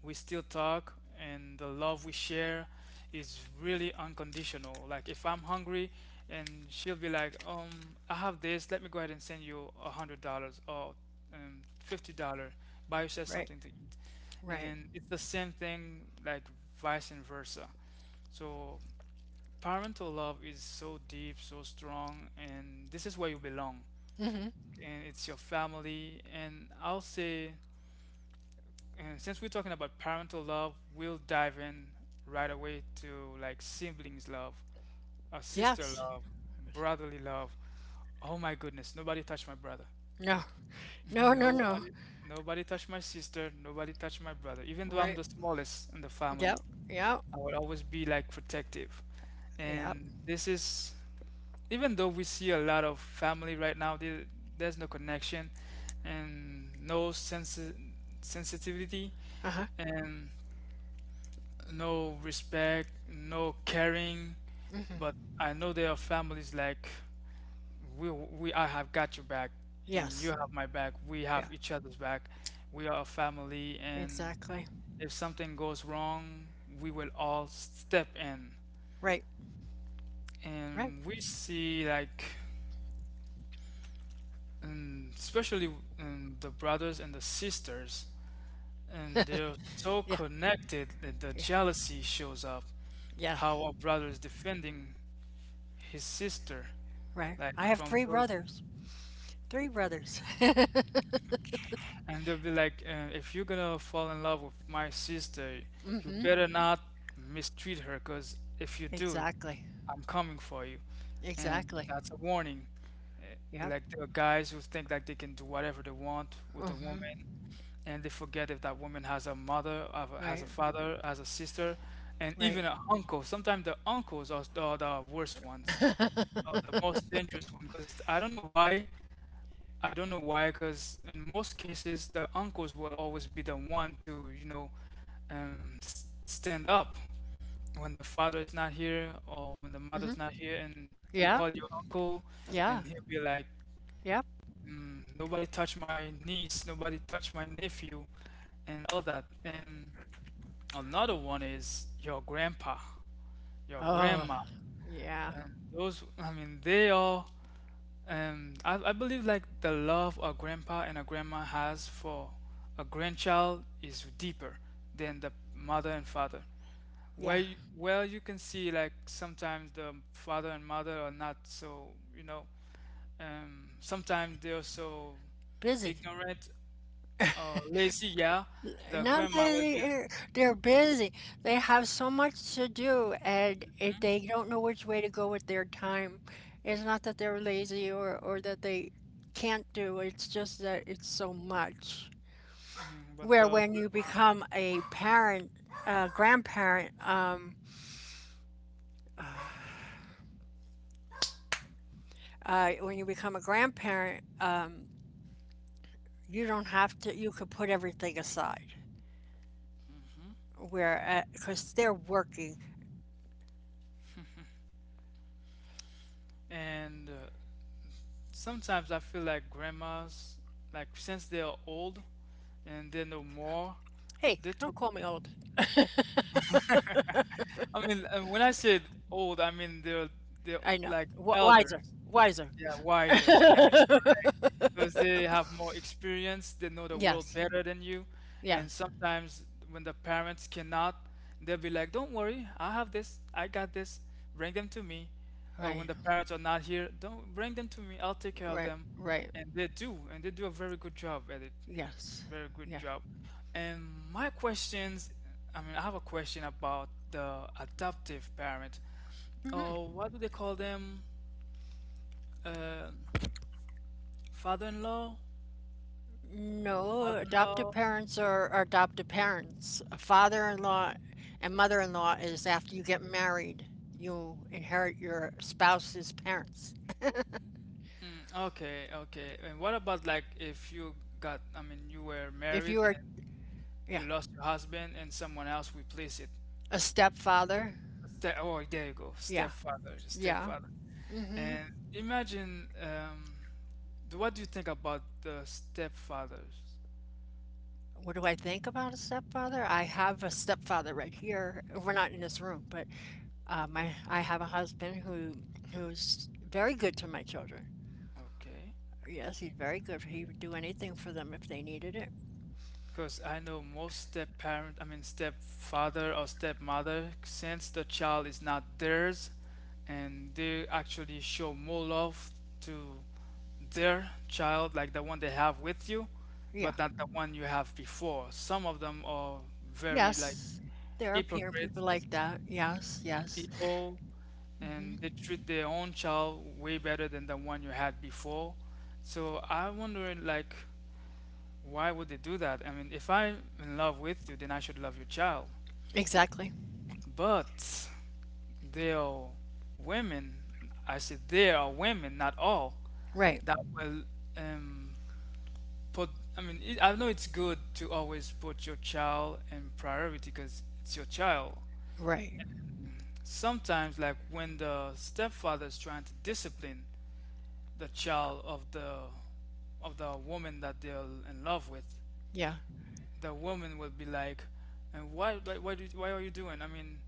[SPEAKER 2] we still talk, and the love we share is really unconditional. Like if I'm hungry, and she'll be like, I have this, let me go ahead and send you $100 or $50, buy yourself
[SPEAKER 1] Right.
[SPEAKER 2] something to eat.
[SPEAKER 1] Right.
[SPEAKER 2] And it's the same thing like vice and versa. So parental love is so deep, so strong, and this is where you belong.
[SPEAKER 1] Mm-hmm.
[SPEAKER 2] And it's your family. And I'll say, and since we're talking about parental love, we'll dive in right away to like siblings love, a sister
[SPEAKER 1] Yes.
[SPEAKER 2] love, brotherly love. Oh my goodness, nobody touched my brother.
[SPEAKER 1] No. No, no, no.
[SPEAKER 2] Nobody, nobody touched my sister. Nobody touched my brother. Even though I'm
[SPEAKER 1] Right.
[SPEAKER 2] the smallest in the
[SPEAKER 1] Yep.
[SPEAKER 2] family,
[SPEAKER 1] Yep.
[SPEAKER 2] I would always be like protective.
[SPEAKER 1] Yep.
[SPEAKER 2] And this is, even though we see a lot of family right now, there, there's no connection and no sensitivity.
[SPEAKER 1] Uh-huh.
[SPEAKER 2] And no respect, no caring.
[SPEAKER 1] Hmm.
[SPEAKER 2] But I know there are families like we I have got your back and you
[SPEAKER 1] Yes.
[SPEAKER 2] have my back. We
[SPEAKER 1] Yeah.
[SPEAKER 2] have each other's back. We are a family, and
[SPEAKER 1] Exactly.
[SPEAKER 2] if something goes wrong, we will all step in.
[SPEAKER 1] Right. Right.
[SPEAKER 2] And we see like and especially the brothers and the sisters, and they're so
[SPEAKER 1] Yeah.
[SPEAKER 2] connected that the
[SPEAKER 1] Yeah.
[SPEAKER 2] jealousy shows up.
[SPEAKER 1] Yeah.
[SPEAKER 2] How a brother is defending his sister
[SPEAKER 1] Right.
[SPEAKER 2] like
[SPEAKER 1] I have
[SPEAKER 2] from
[SPEAKER 1] three
[SPEAKER 2] those,
[SPEAKER 1] brothers. Three brothers.
[SPEAKER 2] and they'll be like if you're gonna fall in love with my sister, you better not mistreat her, because if you do,
[SPEAKER 1] Exactly.
[SPEAKER 2] I'm coming for you, and
[SPEAKER 1] Exactly.
[SPEAKER 2] that's a warning. Uh, like
[SPEAKER 1] Yep.
[SPEAKER 2] there are guys who think like they can do whatever they want with a woman,
[SPEAKER 1] Mhm.
[SPEAKER 2] and they forget if that woman has a has a
[SPEAKER 1] Right.
[SPEAKER 2] father, has a sister, and even an
[SPEAKER 1] Right.
[SPEAKER 2] uncle. Sometimes the uncles are are the worst ones, or the most dangerous one, because I don't know why. I don't know why, because in most cases the uncles will always be the one to, you know, stand up when the father is not here or when the mother's
[SPEAKER 1] Yeah.
[SPEAKER 2] not here, and you call your
[SPEAKER 1] Yeah.
[SPEAKER 2] uncle, and he'll be
[SPEAKER 1] Yep.
[SPEAKER 2] like, "Nobody touch my niece, nobody touch my nephew," and all that. And another one is your grandpa, your
[SPEAKER 1] Oh,
[SPEAKER 2] grandma,
[SPEAKER 1] yeah.
[SPEAKER 2] and those. I mean, they all I believe like the love a grandpa and a grandma has for a grandchild is deeper than the mother and father. Where
[SPEAKER 1] Yeah.
[SPEAKER 2] where you can see like sometimes the father and mother are not so, you know, sometimes they're so
[SPEAKER 1] Busy.
[SPEAKER 2] ignorant or lazy. Yeah, the
[SPEAKER 1] Not that
[SPEAKER 2] grandma will be,
[SPEAKER 1] they're busy. They have so much to do, and they don't know which way to go with their time. It's not that they're lazy or that they can't do, it's just that it's so much.
[SPEAKER 2] mhm, but
[SPEAKER 1] Where
[SPEAKER 2] the
[SPEAKER 1] when you
[SPEAKER 2] grandma
[SPEAKER 1] become a parent, a grandparent, when you become a grandparent, you don't have to, you could put everything aside. Where, because they're working.
[SPEAKER 2] and sometimes I feel like grandmas, like since they are old and they know more,
[SPEAKER 1] Hey,
[SPEAKER 2] they took.
[SPEAKER 1] don't call me old.
[SPEAKER 2] I mean, when I said old, I mean they're
[SPEAKER 1] I know.
[SPEAKER 2] like
[SPEAKER 1] W Wiser,
[SPEAKER 2] elders.
[SPEAKER 1] wiser.
[SPEAKER 2] Yeah, wisers. Yes, correct. Because they have more experience, they know the world
[SPEAKER 1] Yes.
[SPEAKER 2] better than you. And
[SPEAKER 1] Yes.
[SPEAKER 2] sometimes when the parents cannot, they'll be like, "Don't worry, I have this. I got this. Bring them to me." Or when
[SPEAKER 1] Right.
[SPEAKER 2] the parents are not here, "Don't bring them to me. I'll take care of
[SPEAKER 1] Right.
[SPEAKER 2] them."
[SPEAKER 1] Right.
[SPEAKER 2] And they do a very good job at it.
[SPEAKER 1] Yes.
[SPEAKER 2] Very good
[SPEAKER 1] Yeah.
[SPEAKER 2] job. And my questions, I mean, I have a question about the adoptive parent. Oh, what do they call them? Uh, Father-in-law,
[SPEAKER 1] No, adoptive
[SPEAKER 2] mother-in-law.
[SPEAKER 1] parents are adoptive parents. A father-in-law and mother-in-law is after you get married, you inherit your spouse's parents.
[SPEAKER 2] Mm, okay, okay. And what about like if you got, I mean, you were
[SPEAKER 1] If
[SPEAKER 2] married
[SPEAKER 1] you are,
[SPEAKER 2] and you
[SPEAKER 1] yeah,
[SPEAKER 2] lost your husband and someone else replaced it?
[SPEAKER 1] a stepfather.
[SPEAKER 2] Ste oh, there you go,
[SPEAKER 1] Yeah,
[SPEAKER 2] stepfather,
[SPEAKER 1] yeah.
[SPEAKER 2] stepfather. And imagine, what do you think about the stepfathers?
[SPEAKER 1] What do I think about a stepfather? I have a stepfather right here. We're not in this room, but my I have a husband who's very good to my children.
[SPEAKER 2] Okay.
[SPEAKER 1] Yes, he's very good. He would do anything for them if they needed it.
[SPEAKER 2] Because I know most step parent, I mean stepfather or stepmother, since the child is not theirs, and they actually show more love to their child, like the one they have with you,
[SPEAKER 1] Yeah.
[SPEAKER 2] but not the one you have before. Some of them are very like
[SPEAKER 1] Yes. There are peer people
[SPEAKER 2] hypocrites
[SPEAKER 1] like that. Yes, yes.
[SPEAKER 2] people, and they treat their own child way better than the one you had before. So I wonder like why would they do that? I mean, if I'm in love with you, then I should love your child.
[SPEAKER 1] Exactly.
[SPEAKER 2] But there are women, I said there are women, not all,
[SPEAKER 1] Right.
[SPEAKER 2] that will um, put, I mean, it, I know it's good to always put your child in priority because it's your child.
[SPEAKER 1] Right.
[SPEAKER 2] Sometimes, like when the stepfather is trying to discipline the child of the woman that they're in love with,
[SPEAKER 1] Yeah.
[SPEAKER 2] the woman will be like, and why, like, why are you doing? I mean,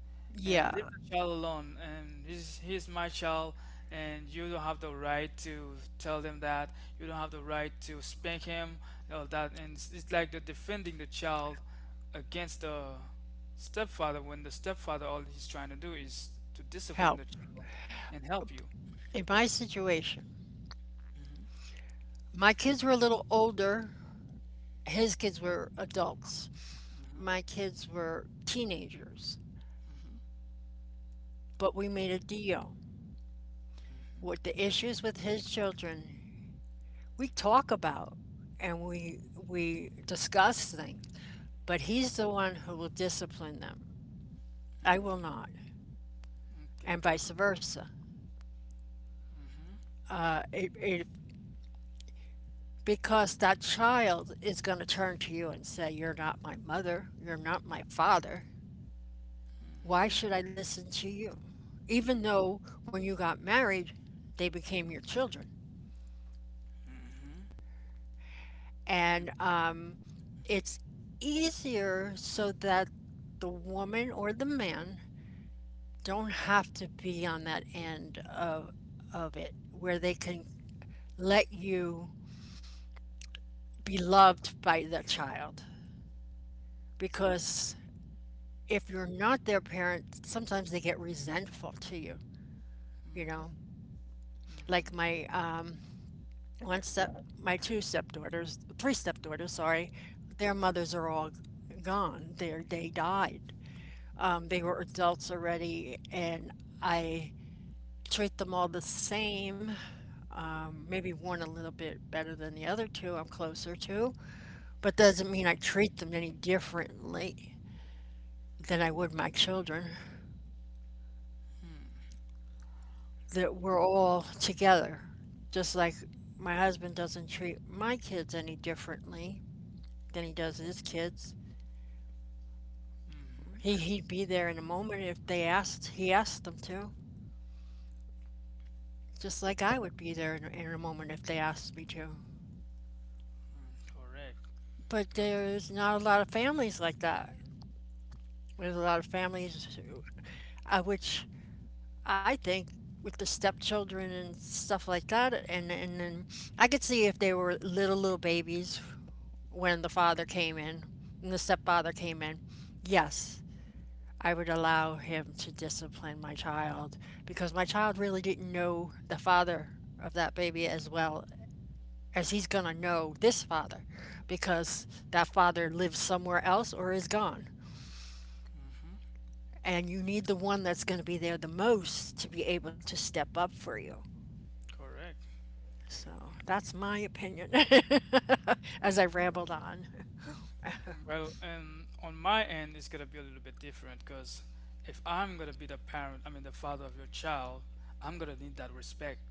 [SPEAKER 2] and leave
[SPEAKER 1] Yeah.
[SPEAKER 2] the child alone. And he's my child, and you don't have the right to tell them that. You don't have the right to spank him, all that. And it's like they're defending the child against the stepfather when the stepfather all he's trying to do is to discipline
[SPEAKER 1] Help.
[SPEAKER 2] the child and help you.
[SPEAKER 1] In my situation, my kids were a little older. His kids were adults. My
[SPEAKER 2] Mhm.
[SPEAKER 1] kids were teenagers. But we made a deal. With the issues with his children, we talk about, and we discuss things, but he's the one who will discipline them. I will not,
[SPEAKER 2] Okay.
[SPEAKER 1] and vice versa. It, it, because that child is going to turn to you and say, "You're not my mother. You're not my father. Why should I listen to you?" Even though when you got married, they became your children, and,
[SPEAKER 2] Mm-hmm.
[SPEAKER 1] it's easier so that the woman or the man don't have to be on that end of it where they can let you be loved by their child. Because if you're not their parent, sometimes they get resentful to you, you know? Like my two stepdaughters, three stepdaughters, sorry, their mothers are all gone. They died. They were adults already, and I treat them all the same. Maybe one a little bit better than the other two I'm closer to, but doesn't mean I treat them any differently than I would my children. That we're all together, just like my husband doesn't treat my kids any differently than he does his kids. He
[SPEAKER 2] Mm-hmm.
[SPEAKER 1] he'd be there in a moment if they asked. He asked them to, just like I would be there in a moment if they asked me to.
[SPEAKER 2] Correct.
[SPEAKER 1] But
[SPEAKER 2] Good.
[SPEAKER 1] there's not a lot of families like that. There's a lot of families, which I think with the stepchildren and stuff like that, and then I could see if they were little little babies when the father came in and the stepfather came in. Yes, I would allow him to discipline my child because my child really didn't know the father of that baby as well as he's gonna know this father because that father lives somewhere else or is gone.
[SPEAKER 2] Mm-hmm.
[SPEAKER 1] And you need the one that's going to be there the most to be able to step up for you.
[SPEAKER 2] Correct.
[SPEAKER 1] So that's my opinion, as I rambled on.
[SPEAKER 2] Well, on my end, it's gonna be a little bit different because if I'm gonna be the parent, I mean the father of your child, I'm gonna need that respect.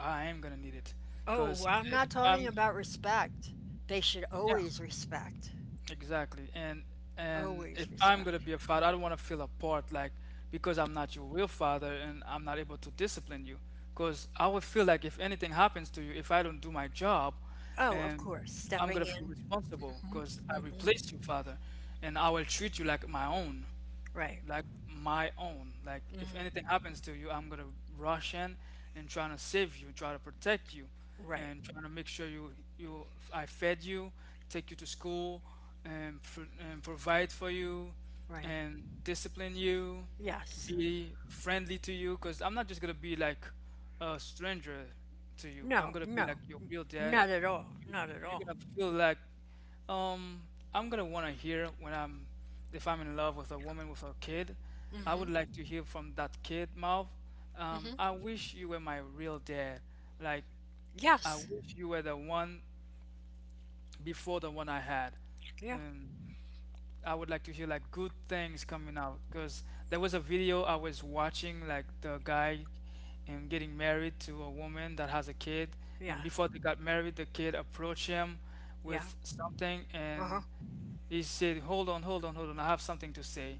[SPEAKER 2] I am gonna need it
[SPEAKER 1] Oh,
[SPEAKER 2] because
[SPEAKER 1] I'm
[SPEAKER 2] if
[SPEAKER 1] not
[SPEAKER 2] I'm,
[SPEAKER 1] talking about respect. They should
[SPEAKER 2] yeah,
[SPEAKER 1] always respect.
[SPEAKER 2] exactly. And if
[SPEAKER 1] Always
[SPEAKER 2] I'm gonna be
[SPEAKER 1] respect.
[SPEAKER 2] a father, I don't want to feel apart like because I'm not your real father and I'm not able to discipline you. Because I would feel like if anything happens to you, if I don't do my job,
[SPEAKER 1] Oh, of course,
[SPEAKER 2] and I'm
[SPEAKER 1] stepping
[SPEAKER 2] gonna feel
[SPEAKER 1] in.
[SPEAKER 2] responsible because I replaced your father, and I will treat you like my own
[SPEAKER 1] Right,
[SPEAKER 2] like my own. Like if anything happens to you, I'm gonna rush in and trying to save you, try to protect you,
[SPEAKER 1] right,
[SPEAKER 2] and trying to make sure you you I fed you, take you to school, and, and provide for you,
[SPEAKER 1] right.
[SPEAKER 2] and discipline you,
[SPEAKER 1] Yes.
[SPEAKER 2] be friendly to you. Cause I'm not just gonna be like a stranger to you. I'm
[SPEAKER 1] No,
[SPEAKER 2] gonna be like
[SPEAKER 1] no,
[SPEAKER 2] your real dad,
[SPEAKER 1] not at all.
[SPEAKER 2] and
[SPEAKER 1] Not at
[SPEAKER 2] you're
[SPEAKER 1] all.
[SPEAKER 2] gonna feel like um, I'm gonna wanna hear when I'm if I'm in love with a woman with a kid. I would like to hear from that kid mouth. I wish you were my real dad. Like, I
[SPEAKER 1] Yes.
[SPEAKER 2] wish you were the one before the one I had.
[SPEAKER 1] Yeah,
[SPEAKER 2] Um, I would like to hear like good things coming out, because there was a video I was watching like the guy and getting married to a woman that has a kid, and
[SPEAKER 1] yeah,
[SPEAKER 2] before they got married the kid approached him with
[SPEAKER 1] yeah.
[SPEAKER 2] something,
[SPEAKER 1] Uh
[SPEAKER 2] and
[SPEAKER 1] huh.
[SPEAKER 2] he said hold on, hold on, hold on, I have something to say.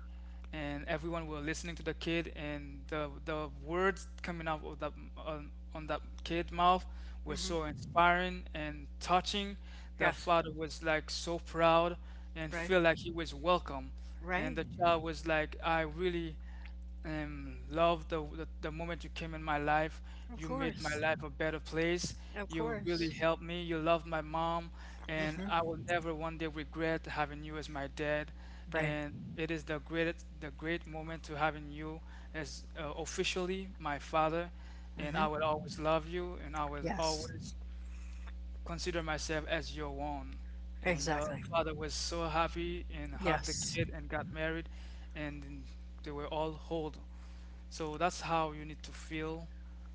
[SPEAKER 2] And everyone were listening to the kid, and the words coming out of that on that kid mouth were
[SPEAKER 1] Mm-hmm.
[SPEAKER 2] so inspiring and touching. The
[SPEAKER 1] Yes.
[SPEAKER 2] father was like so proud and
[SPEAKER 1] Right,
[SPEAKER 2] feel like he was welcome, and
[SPEAKER 1] right.
[SPEAKER 2] the child was like I really love the moment you came in my life.
[SPEAKER 1] Of
[SPEAKER 2] You made my
[SPEAKER 1] course.
[SPEAKER 2] life a better place.
[SPEAKER 1] Of
[SPEAKER 2] You really
[SPEAKER 1] course.
[SPEAKER 2] helped me. You loved my mom, and I will never one day regret having you as my dad.
[SPEAKER 1] Right.
[SPEAKER 2] And it is the greatest, the great moment to having you as officially my father. And I will always love you, and I will
[SPEAKER 1] Yes.
[SPEAKER 2] always consider myself as your own. And the
[SPEAKER 1] Exactly.
[SPEAKER 2] father was so happy and hugged the
[SPEAKER 1] Yes.
[SPEAKER 2] kid and got married, and they were all whole. So that's how you need to feel.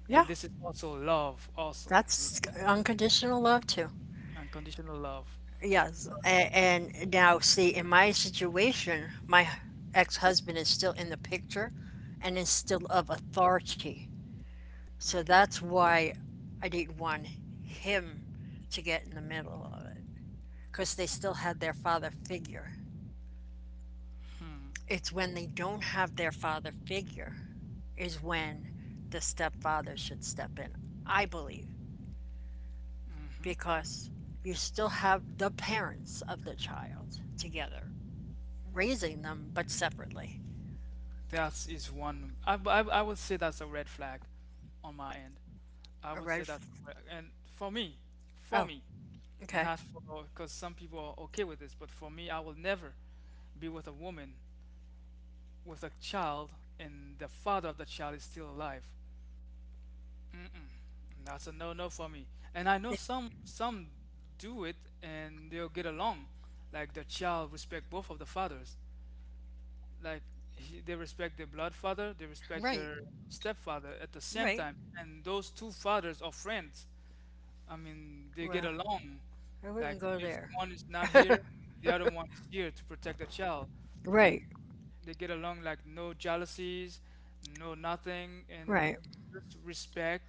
[SPEAKER 1] Yeah.
[SPEAKER 2] And this is also
[SPEAKER 1] That's
[SPEAKER 2] love,
[SPEAKER 1] unconditional love too.
[SPEAKER 2] unconditional love.
[SPEAKER 1] Yes. And now, see, in my situation, my ex-husband is still in the picture and is still of authority. So that's why I didn't want him to get in the middle of it because they still had their father figure. It's when they don't have their father figure is when the stepfather should step in, I believe. Because you still have the parents of the child together, raising them but separately.
[SPEAKER 2] That is one. I would say that's a red flag on my end. I
[SPEAKER 1] All
[SPEAKER 2] would say
[SPEAKER 1] right.
[SPEAKER 2] that's a red, and for
[SPEAKER 1] Oh,
[SPEAKER 2] me,
[SPEAKER 1] okay.
[SPEAKER 2] not for because some people are okay with this, but for me, I will never be with a woman with a child and the father of the child is still alive. That's a no no for me. And I
[SPEAKER 1] Yeah,
[SPEAKER 2] know some do it, and they'll get along. Like the child respect both of the fathers. Like they respect their blood father, they respect
[SPEAKER 1] right,
[SPEAKER 2] their stepfather at the same
[SPEAKER 1] right.
[SPEAKER 2] time. And those two fathers are friends. I mean, they get
[SPEAKER 1] Well,
[SPEAKER 2] along.
[SPEAKER 1] I
[SPEAKER 2] Like
[SPEAKER 1] wouldn't go
[SPEAKER 2] if
[SPEAKER 1] there.
[SPEAKER 2] one is not here, the other one is here to protect the child.
[SPEAKER 1] Right,
[SPEAKER 2] And they get along like no jealousies, no nothing, and
[SPEAKER 1] right.
[SPEAKER 2] just respect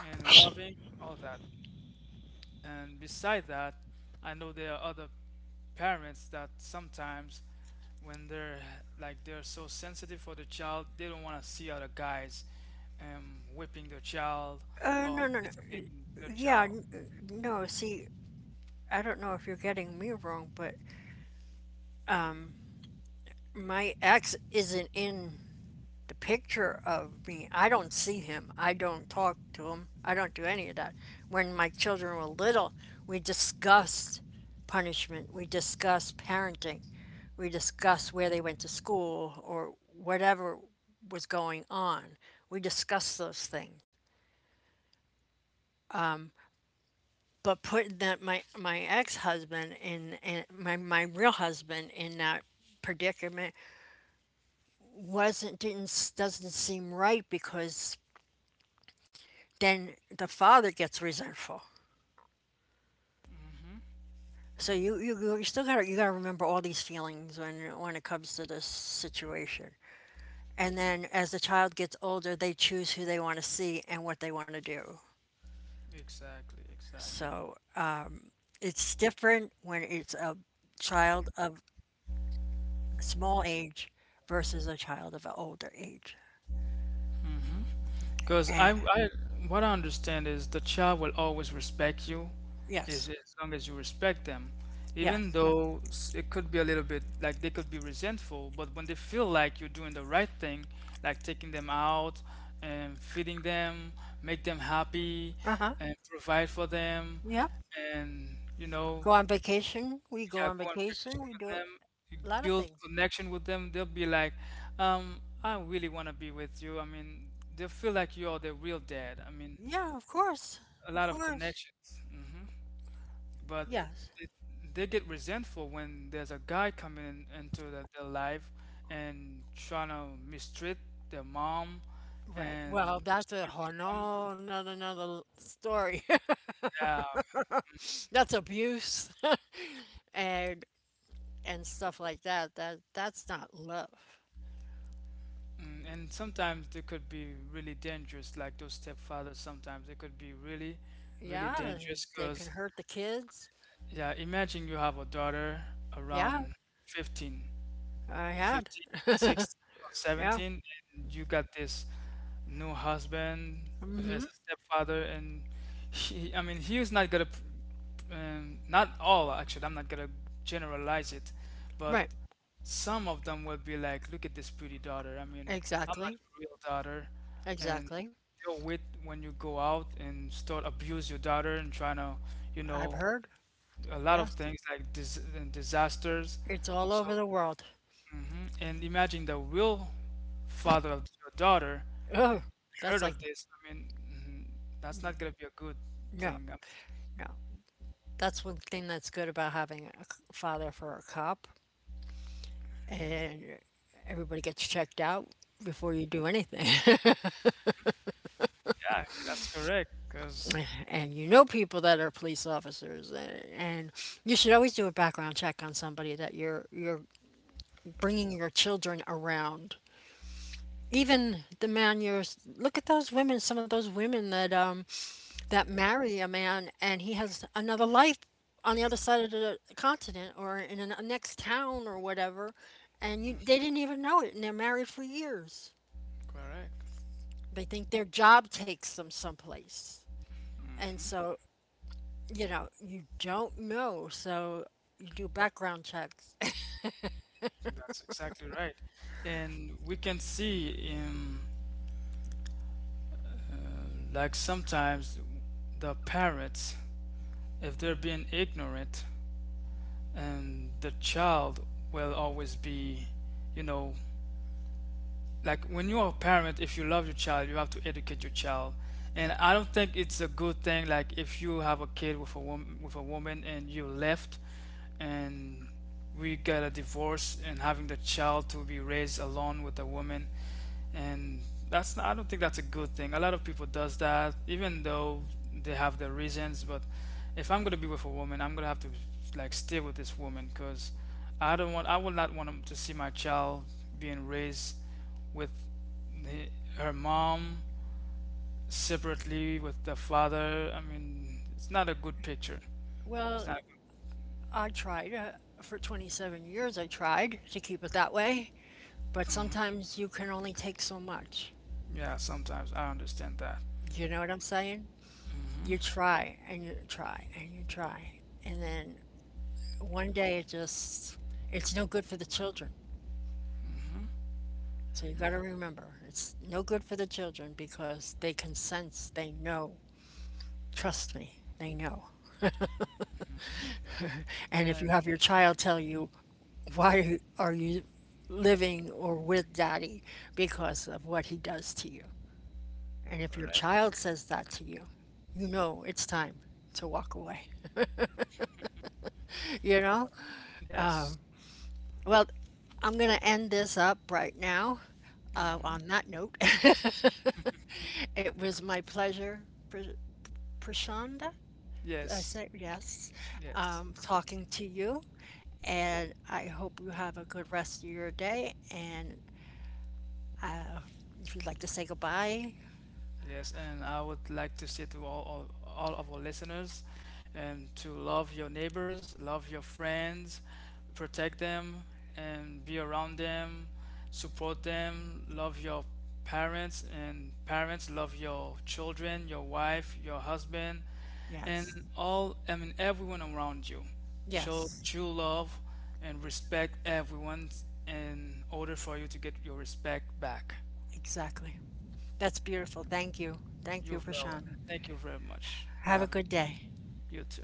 [SPEAKER 2] and loving, all that. And beside that, I know there are other parents that sometimes when they're like they're so sensitive for the child, they don't want to see other guys whipping their child
[SPEAKER 1] Uh,
[SPEAKER 2] or
[SPEAKER 1] no, no, no.
[SPEAKER 2] disciplining their
[SPEAKER 1] Yeah,
[SPEAKER 2] child.
[SPEAKER 1] no. See, I don't know if you're getting me wrong, but my ex isn't in the picture of me. I don't see him. I don't talk to him. I don't do any of that. When my children were little, we discussed punishment. We discussed parenting. We discussed where they went to school or whatever was going on. We discussed those things. But putting that my ex husband in my real husband in that predicament wasn't didn't doesn't seem right because then the father gets resentful.
[SPEAKER 2] Hmm.
[SPEAKER 1] So you still got to remember all these feelings when it comes to this situation. And then as the child gets older, they choose who they want to see and what they want to do.
[SPEAKER 2] Exactly, exactly.
[SPEAKER 1] So it's different when it's a child of small age versus a child of an older age.
[SPEAKER 2] Because
[SPEAKER 1] Eh,
[SPEAKER 2] what I understand is the child will always respect you
[SPEAKER 1] yes,
[SPEAKER 2] as long as you respect them. Even
[SPEAKER 1] yes,
[SPEAKER 2] though it could be a little bit like they could be resentful, but when they feel like you're doing the right thing, like taking them out and feeding them, make them happy
[SPEAKER 1] uh huh,
[SPEAKER 2] and provide for them,
[SPEAKER 1] yep.
[SPEAKER 2] and you
[SPEAKER 1] Go
[SPEAKER 2] know,
[SPEAKER 1] on vacation. We go
[SPEAKER 2] yeah,
[SPEAKER 1] on
[SPEAKER 2] go on
[SPEAKER 1] vacation.
[SPEAKER 2] vacation
[SPEAKER 1] We do
[SPEAKER 2] with
[SPEAKER 1] a
[SPEAKER 2] them, you
[SPEAKER 1] lot of
[SPEAKER 2] build
[SPEAKER 1] things.
[SPEAKER 2] connection with them. They'll be like, I really want to be with you. I mean, they'll feel like you're the real dad. I mean,
[SPEAKER 1] Yeah, of course,
[SPEAKER 2] a
[SPEAKER 1] of
[SPEAKER 2] lot of
[SPEAKER 1] course.
[SPEAKER 2] connections. Hmm. But
[SPEAKER 1] Yes.
[SPEAKER 2] it, they get resentful when there's a guy coming in, into the, their life and trying to mistreat their mom
[SPEAKER 1] Right.
[SPEAKER 2] and
[SPEAKER 1] Well, that's a whole
[SPEAKER 2] mistreating them.
[SPEAKER 1] no, another story.
[SPEAKER 2] Yeah,
[SPEAKER 1] That's abuse, and and stuff like that. That's not love.
[SPEAKER 2] mm, and sometimes they could be really dangerous, like those stepfathers. Sometimes they could be really, really
[SPEAKER 1] Yeah,
[SPEAKER 2] dangerous
[SPEAKER 1] they can
[SPEAKER 2] because,
[SPEAKER 1] hurt the kids.
[SPEAKER 2] yeah, imagine you have a daughter
[SPEAKER 1] Yeah,
[SPEAKER 2] around 15.
[SPEAKER 1] I had.
[SPEAKER 2] 15, 16, or
[SPEAKER 1] Yeah.
[SPEAKER 2] 17, and you got this new husband as a stepfather, and I mean, he was not gonna, not all actually, I'm not gonna generalize it, but
[SPEAKER 1] Right.
[SPEAKER 2] some of them will be like, look at this pretty daughter. I mean, I'm not
[SPEAKER 1] Exactly.
[SPEAKER 2] your real daughter, and
[SPEAKER 1] Exactly.
[SPEAKER 2] they'll wait when you go out and start abuse your daughter and trying to, you
[SPEAKER 1] I've
[SPEAKER 2] know,
[SPEAKER 1] heard.
[SPEAKER 2] a lot of
[SPEAKER 1] Yes.
[SPEAKER 2] things like dis- and disasters.
[SPEAKER 1] It's all
[SPEAKER 2] So
[SPEAKER 1] over the world.
[SPEAKER 2] mhm. And imagine the real father of your daughter
[SPEAKER 1] Oh,
[SPEAKER 2] heard
[SPEAKER 1] that's like
[SPEAKER 2] of this. I mean, mhm, that's not gonna be a good
[SPEAKER 1] no,
[SPEAKER 2] thing.
[SPEAKER 1] no. That's one thing that's good about having a father for a cop. And everybody gets checked out before you do anything.
[SPEAKER 2] Yeah, that's correct. Cause
[SPEAKER 1] And you know people that are police officers, and you should always do a background check on somebody that you're bringing your children around. Even the man you're Look at those women, some of those women that that marry a man and he has another life on the other side of the continent or in a next town or whatever, and you they didn't even know it, and they're married for years.
[SPEAKER 2] correct.
[SPEAKER 1] They think their job takes them someplace. And
[SPEAKER 2] Hmm.
[SPEAKER 1] so, you don't know. So you do background checks.
[SPEAKER 2] That's exactly right. And we can see in like sometimes the parents, if they're being ignorant, and the child will always be, you know, like when you're a parent if you love your child you have to educate your child. And I don't think it's a good thing like if you have a kid with a woman and you left and we got a divorce and having the child to be raised alone with a woman, and that's not, I don't think that's a good thing. A lot of people does that, even though they have their reasons, but if I'm going to be with a woman I'm going to have to like stay with this woman because I don't want I will not want to see my child being raised with the, her mom separately with the father. I mean, it's not a good picture. It's not.
[SPEAKER 1] Well, I tried, for 27 years, I tried to keep it that way. But
[SPEAKER 2] Hmm.
[SPEAKER 1] sometimes you can only take so much.
[SPEAKER 2] Yeah, sometimes I understand that.
[SPEAKER 1] You know what I'm saying?
[SPEAKER 2] Hmm.
[SPEAKER 1] You try and you try and you try. And then one day it's no good for the children.
[SPEAKER 2] Hmm.
[SPEAKER 1] So you got to remember, it's no good for the children because they can sense, they know. Trust me, they know. And if you have
[SPEAKER 2] And
[SPEAKER 1] your child tell you, why are you living or with daddy because of what he does to you? And if your
[SPEAKER 2] correct.
[SPEAKER 1] child says that to you, you know it's time to walk away. You know?
[SPEAKER 2] Yes.
[SPEAKER 1] Well, I'm going to end this up right now, on that note. It was my pleasure, Prashanda. I
[SPEAKER 2] Yes.
[SPEAKER 1] said yes,
[SPEAKER 2] Yes.
[SPEAKER 1] talking to you. And I hope you have a good rest of your day. And if you'd like to say goodbye,
[SPEAKER 2] Yes, and I would like to say to all, all of our listeners and to love your neighbors, love your friends, protect them and be around them, support them, love your parents, and parents love your children, your wife, your husband,
[SPEAKER 1] yes,
[SPEAKER 2] and all, I mean everyone around you. Show
[SPEAKER 1] yes,
[SPEAKER 2] true love and respect everyone in order for you to get your respect back.
[SPEAKER 1] exactly. That's beautiful. Thank you. Thank you,
[SPEAKER 2] You're very
[SPEAKER 1] Prashana.
[SPEAKER 2] welcome. Thank you very much for
[SPEAKER 1] Have a good
[SPEAKER 2] having
[SPEAKER 1] day.
[SPEAKER 2] you too.